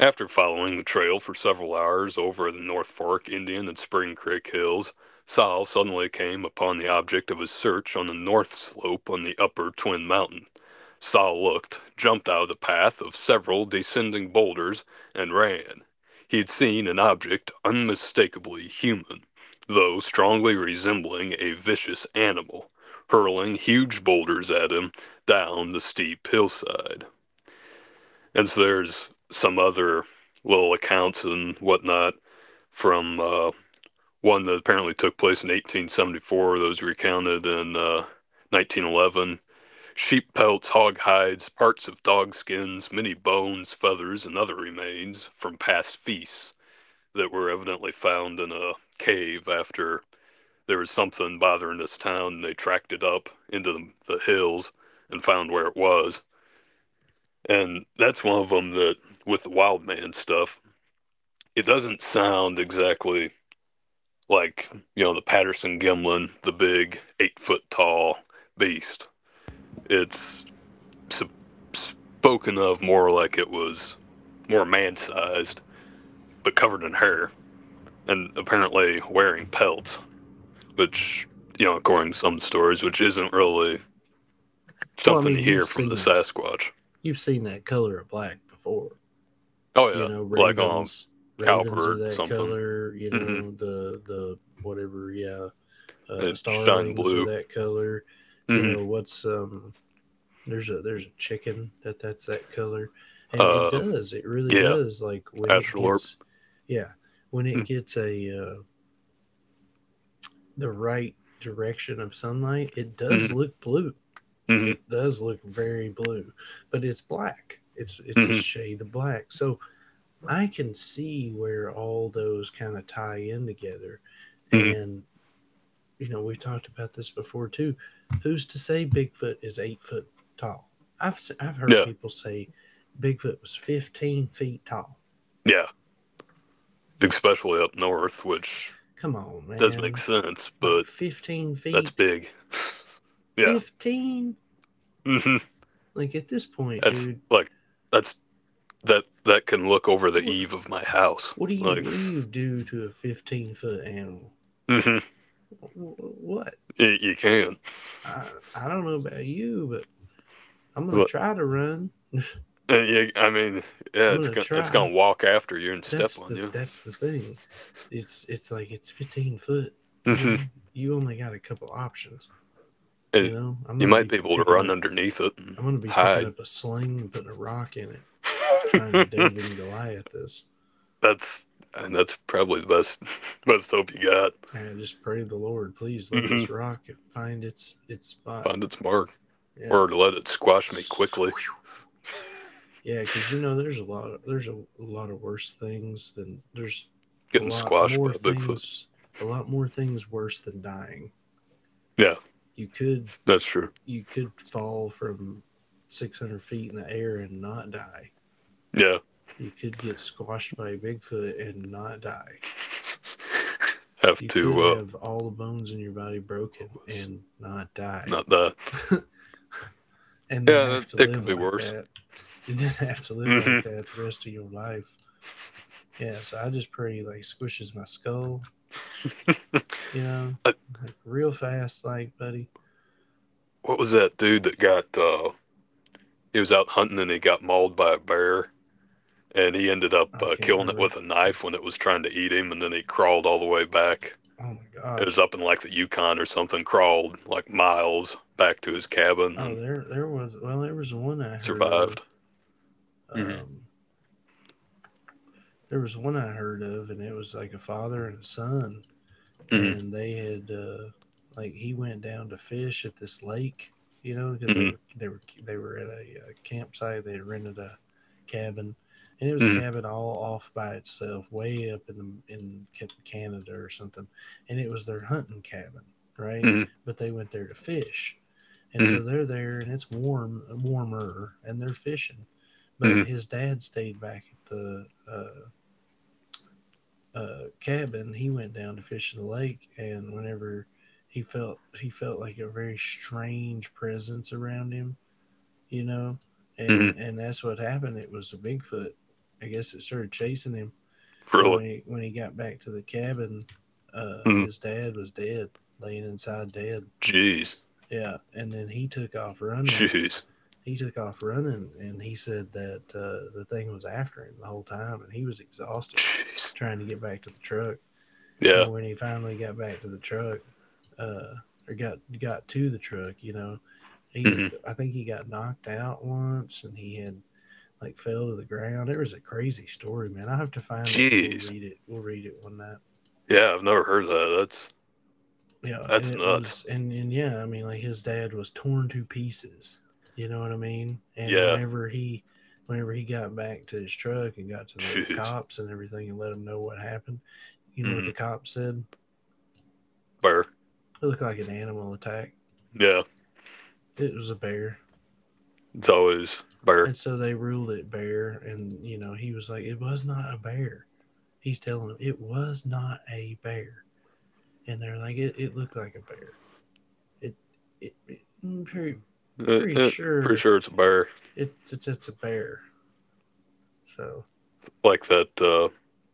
Speaker 2: After following the trail for several hours over the North Fork Indian and Spring Creek hills, Sol suddenly came upon the object of his search on the north slope on the upper Twin Mountain. Sol looked, jumped out of the path of several descending boulders, and ran. He had seen an object unmistakably human, though strongly resembling a vicious animal, hurling huge boulders at him down the steep hillside. And so there's some other little accounts and whatnot from, uh, one that apparently took place in eighteen seventy-four. Those recounted in, uh, nineteen eleven: sheep pelts, hog hides, parts of dog skins, many bones, feathers, and other remains from past feasts that were evidently found in a cave after there was something bothering this town, and they tracked it up into the hills and found where it was. And that's one of them that, with the wild man stuff, it doesn't sound exactly like, you know, the Patterson Gimlin, the big eight foot tall beast. It's s- spoken of more like it was more man sized, but covered in hair, and apparently wearing pelts, which, you know, according to some stories, which isn't really
Speaker 1: Well, I
Speaker 2: something you
Speaker 1: mean, you've
Speaker 2: hear from the
Speaker 1: seen
Speaker 2: Sasquatch.
Speaker 1: you've seen that color of black before.
Speaker 2: Oh,
Speaker 1: You
Speaker 2: yeah,
Speaker 1: know,
Speaker 2: like, um,
Speaker 1: ravens ravens are
Speaker 2: cowbird
Speaker 1: that
Speaker 2: something.
Speaker 1: color. You
Speaker 2: Hmm.
Speaker 1: know, the the whatever. Yeah, uh,
Speaker 2: It shined
Speaker 1: starlings are
Speaker 2: blue.
Speaker 1: that color. You
Speaker 2: Hmm.
Speaker 1: know, what's um there's a there's a chicken that that's that color, and it
Speaker 2: Uh,
Speaker 1: does it really
Speaker 2: yeah,
Speaker 1: does, like when it
Speaker 2: Astralorp.
Speaker 1: gets, yeah, when
Speaker 2: Hmm.
Speaker 1: it gets a uh, the right direction of sunlight, it does
Speaker 2: mm
Speaker 1: look blue.
Speaker 2: hmm.
Speaker 1: It does look very blue, but it's black. It's it's a
Speaker 2: Hmm.
Speaker 1: shade of black. So I can see where all those kind of tie in together.
Speaker 2: Hmm.
Speaker 1: And you know, we've talked about this before too. Who's to say Bigfoot is eight foot tall? I've i I've heard
Speaker 2: Yeah,
Speaker 1: people say Bigfoot was fifteen feet tall.
Speaker 2: yeah, especially up north, which
Speaker 1: Come on,
Speaker 2: does make
Speaker 1: man,
Speaker 2: sense,
Speaker 1: like
Speaker 2: but
Speaker 1: fifteen
Speaker 2: that's
Speaker 1: feet,
Speaker 2: big. Yeah.
Speaker 1: fifteen.
Speaker 2: Hmm.
Speaker 1: Like at this point,
Speaker 2: That's
Speaker 1: dude,
Speaker 2: like that's that that can look over the
Speaker 1: what
Speaker 2: eave of my house.
Speaker 1: what do you
Speaker 2: Like—
Speaker 1: what do you do to a fifteen foot animal?
Speaker 2: Hmm.
Speaker 1: What?
Speaker 2: You, you can.
Speaker 1: I, I don't know about you, but I'm gonna
Speaker 2: Like,
Speaker 1: try to run.
Speaker 2: uh, you, I mean, yeah,
Speaker 1: I'm
Speaker 2: it's
Speaker 1: gonna
Speaker 2: gonna it's
Speaker 1: try.
Speaker 2: gonna walk after you and step
Speaker 1: That's
Speaker 2: on
Speaker 1: the
Speaker 2: you.
Speaker 1: that's the thing. It's it's like it's fifteen foot. You know,
Speaker 2: Hmm.
Speaker 1: you only got a couple options. You
Speaker 2: And
Speaker 1: know, I'm
Speaker 2: you
Speaker 1: gonna
Speaker 2: might
Speaker 1: be
Speaker 2: be able to
Speaker 1: picking
Speaker 2: run
Speaker 1: up.
Speaker 2: underneath it and
Speaker 1: I'm gonna be picking
Speaker 2: hide.
Speaker 1: up a sling and putting a rock in it, trying to David and Goliath this.
Speaker 2: that's And that's probably the best best hope you got.
Speaker 1: I just pray the Lord, please let
Speaker 2: Hmm.
Speaker 1: this rock find its its spot.
Speaker 2: Find its mark,
Speaker 1: Yeah.
Speaker 2: or to let it squash me quickly.
Speaker 1: Yeah, because you know, there's a lot. Of, there's a, a lot of worse things than there's a
Speaker 2: Getting
Speaker 1: lot
Speaker 2: squashed by
Speaker 1: more
Speaker 2: Bigfoot.
Speaker 1: things. A lot more things worse than dying.
Speaker 2: Yeah.
Speaker 1: You could
Speaker 2: That's true.
Speaker 1: you could fall from six hundred feet in the air and not die.
Speaker 2: Yeah.
Speaker 1: You could get squashed by a Bigfoot and not die.
Speaker 2: Have
Speaker 1: You could
Speaker 2: to, uh,
Speaker 1: have all the bones in your body broken
Speaker 2: was
Speaker 1: and not die,
Speaker 2: not that.
Speaker 1: and then
Speaker 2: Yeah,
Speaker 1: have to
Speaker 2: it
Speaker 1: live
Speaker 2: could be
Speaker 1: like
Speaker 2: worse.
Speaker 1: that. And then have to live
Speaker 2: Hmm.
Speaker 1: like that the rest of your life. Yeah, so I just pray he like squishes my skull you know,
Speaker 2: I,
Speaker 1: like real fast, like buddy.
Speaker 2: what was that dude that got, uh, he was out hunting and he got mauled by a bear and he ended up,
Speaker 1: I
Speaker 2: uh,
Speaker 1: can't
Speaker 2: killing it
Speaker 1: remember.
Speaker 2: with a knife when it was trying to eat him, and then he crawled all the way back.
Speaker 1: Oh my
Speaker 2: It was
Speaker 1: gosh.
Speaker 2: up in like the Yukon or something, crawled like miles back to his cabin
Speaker 1: Oh,
Speaker 2: and
Speaker 1: there, there was. Well, there was one I heard
Speaker 2: survived.
Speaker 1: of.
Speaker 2: Hmm.
Speaker 1: Um, there was one I heard of, and it was like a father and a son
Speaker 2: Hmm.
Speaker 1: and they had uh, like he went down to fish at this lake, you know, because they
Speaker 2: Hmm.
Speaker 1: were they were they were at a, uh campsite. They had rented a cabin, and it was a
Speaker 2: Hmm.
Speaker 1: cabin all off by itself, way up in the in Canada or something, and it was their hunting cabin, right? But they went there to fish, and
Speaker 2: Hmm.
Speaker 1: so they're there, and it's warm warmer, and they're fishing. But
Speaker 2: Hmm.
Speaker 1: his dad stayed back at the uh, uh, cabin, he went down to fish in the lake, and whenever he felt he felt like a very strange presence around him, you know, and
Speaker 2: Hmm.
Speaker 1: and that's what happened. It was a Bigfoot. I guess it started chasing him, and
Speaker 2: Really?
Speaker 1: when he, when he got back to the cabin, uh,
Speaker 2: Mm.
Speaker 1: his dad was dead, laying inside dead.
Speaker 2: Jeez.
Speaker 1: Yeah, and then he took off running.
Speaker 2: Jeez.
Speaker 1: He took off running, and he said that uh, the thing was after him the whole time, and he was exhausted
Speaker 2: Jeez.
Speaker 1: trying to get back to the truck
Speaker 2: Yeah.
Speaker 1: and when he finally got back to the truck, uh, or got got to the truck, you know, he had,
Speaker 2: Hmm.
Speaker 1: I think he got knocked out once, and he had like fell to the ground. It was a crazy story, man. I have to find it and we'll
Speaker 2: Jeez.
Speaker 1: read it. We'll read it one night.
Speaker 2: Yeah, I've never heard of that. That's
Speaker 1: Yeah, and
Speaker 2: that's
Speaker 1: it
Speaker 2: nuts.
Speaker 1: was and and yeah, I mean like his dad was torn to pieces. You know what I mean? And
Speaker 2: Yeah.
Speaker 1: whenever he whenever he got back to his truck and got to the
Speaker 2: Jeez.
Speaker 1: cops and everything and let them know what happened, you know what
Speaker 2: Hmm.
Speaker 1: the cops said?
Speaker 2: Bear.
Speaker 1: It looked like an animal attack.
Speaker 2: Yeah.
Speaker 1: It was a bear.
Speaker 2: It's always bear.
Speaker 1: And so they ruled it bear, and you know he was like, "It was not a bear." He's telling them it was not a bear, and they're like, "It, it looked like a bear. It, it, it I'm pretty,
Speaker 2: Uh,
Speaker 1: pretty
Speaker 2: uh, Pretty
Speaker 1: sure
Speaker 2: sure it's a bear.
Speaker 1: it, it's it's a bear." So,
Speaker 2: Like that, uh,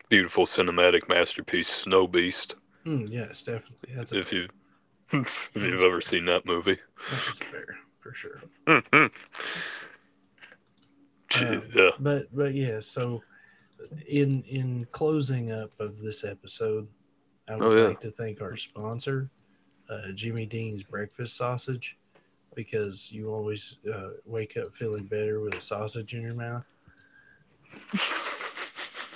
Speaker 2: beautiful cinematic masterpiece, Snow Beast.
Speaker 1: mm, yes, definitely, that's a
Speaker 2: If
Speaker 1: bear.
Speaker 2: you if
Speaker 1: That
Speaker 2: you've
Speaker 1: was a
Speaker 2: ever
Speaker 1: bear.
Speaker 2: seen that movie.
Speaker 1: That was a bear for sure.
Speaker 2: Hmm. Jeez.
Speaker 1: Um,
Speaker 2: Yeah.
Speaker 1: but but yeah. So in in closing up of this episode, I
Speaker 2: Oh
Speaker 1: would
Speaker 2: yeah.
Speaker 1: like to thank our sponsor, uh, Jimmy Dean's Breakfast Sausage. Because you always uh, wake up feeling better with a sausage in your mouth.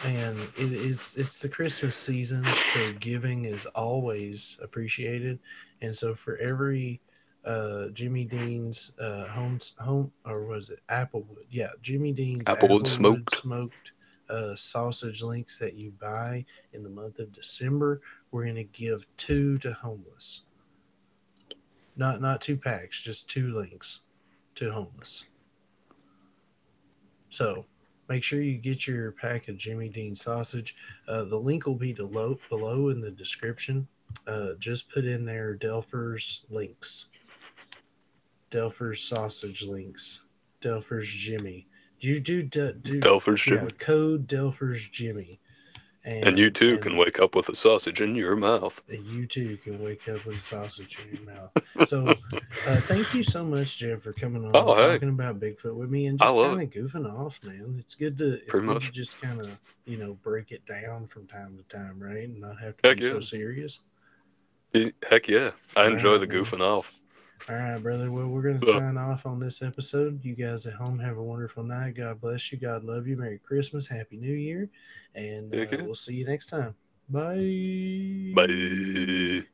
Speaker 1: And it, it's it's the Christmas season, so giving is always appreciated. And so for every uh, Jimmy Dean's uh, home home or was it Applewood? Yeah, Jimmy Dean's
Speaker 2: Applewood
Speaker 1: Applewood
Speaker 2: smoked.
Speaker 1: smoked uh, sausage links that you buy in the month of December. We're gonna give two to homeless. Not not two packs, just two links to homeless. So make sure you get your pack of Jimmy Dean sausage. Uh, the link will be below, below in the description. Uh, just put in there Delpher's links, Delpher's sausage links, Delpher's Jimmy. Do you do do, do
Speaker 2: Telford's
Speaker 1: Yeah,
Speaker 2: Jimmy.
Speaker 1: code Delpher's Jimmy
Speaker 2: And you
Speaker 1: and
Speaker 2: too
Speaker 1: and
Speaker 2: can wake up with a sausage in your mouth.
Speaker 1: you too can wake up with a sausage in your mouth. So, uh, thank you so much, Jeff, for coming on,
Speaker 2: Oh
Speaker 1: talking
Speaker 2: hey,
Speaker 1: about Bigfoot with me, and
Speaker 2: I
Speaker 1: just
Speaker 2: love
Speaker 1: kind
Speaker 2: it.
Speaker 1: of goofing off, man. It's good to it's
Speaker 2: Pretty
Speaker 1: good to
Speaker 2: much.
Speaker 1: just kind of you know break it down from time to time, right, and not have to be
Speaker 2: Heck
Speaker 1: so
Speaker 2: yeah.
Speaker 1: serious.
Speaker 2: Heck yeah. I
Speaker 1: All
Speaker 2: enjoy
Speaker 1: right,
Speaker 2: the
Speaker 1: man.
Speaker 2: goofing off.
Speaker 1: All right, brother. Well, we're gonna
Speaker 2: So,
Speaker 1: sign off on this episode. You guys at home have a wonderful night. God bless you. God love you. Merry Christmas. Happy New Year, and
Speaker 2: heck
Speaker 1: uh,
Speaker 2: yeah.
Speaker 1: we'll see you next time. Bye.
Speaker 2: Bye.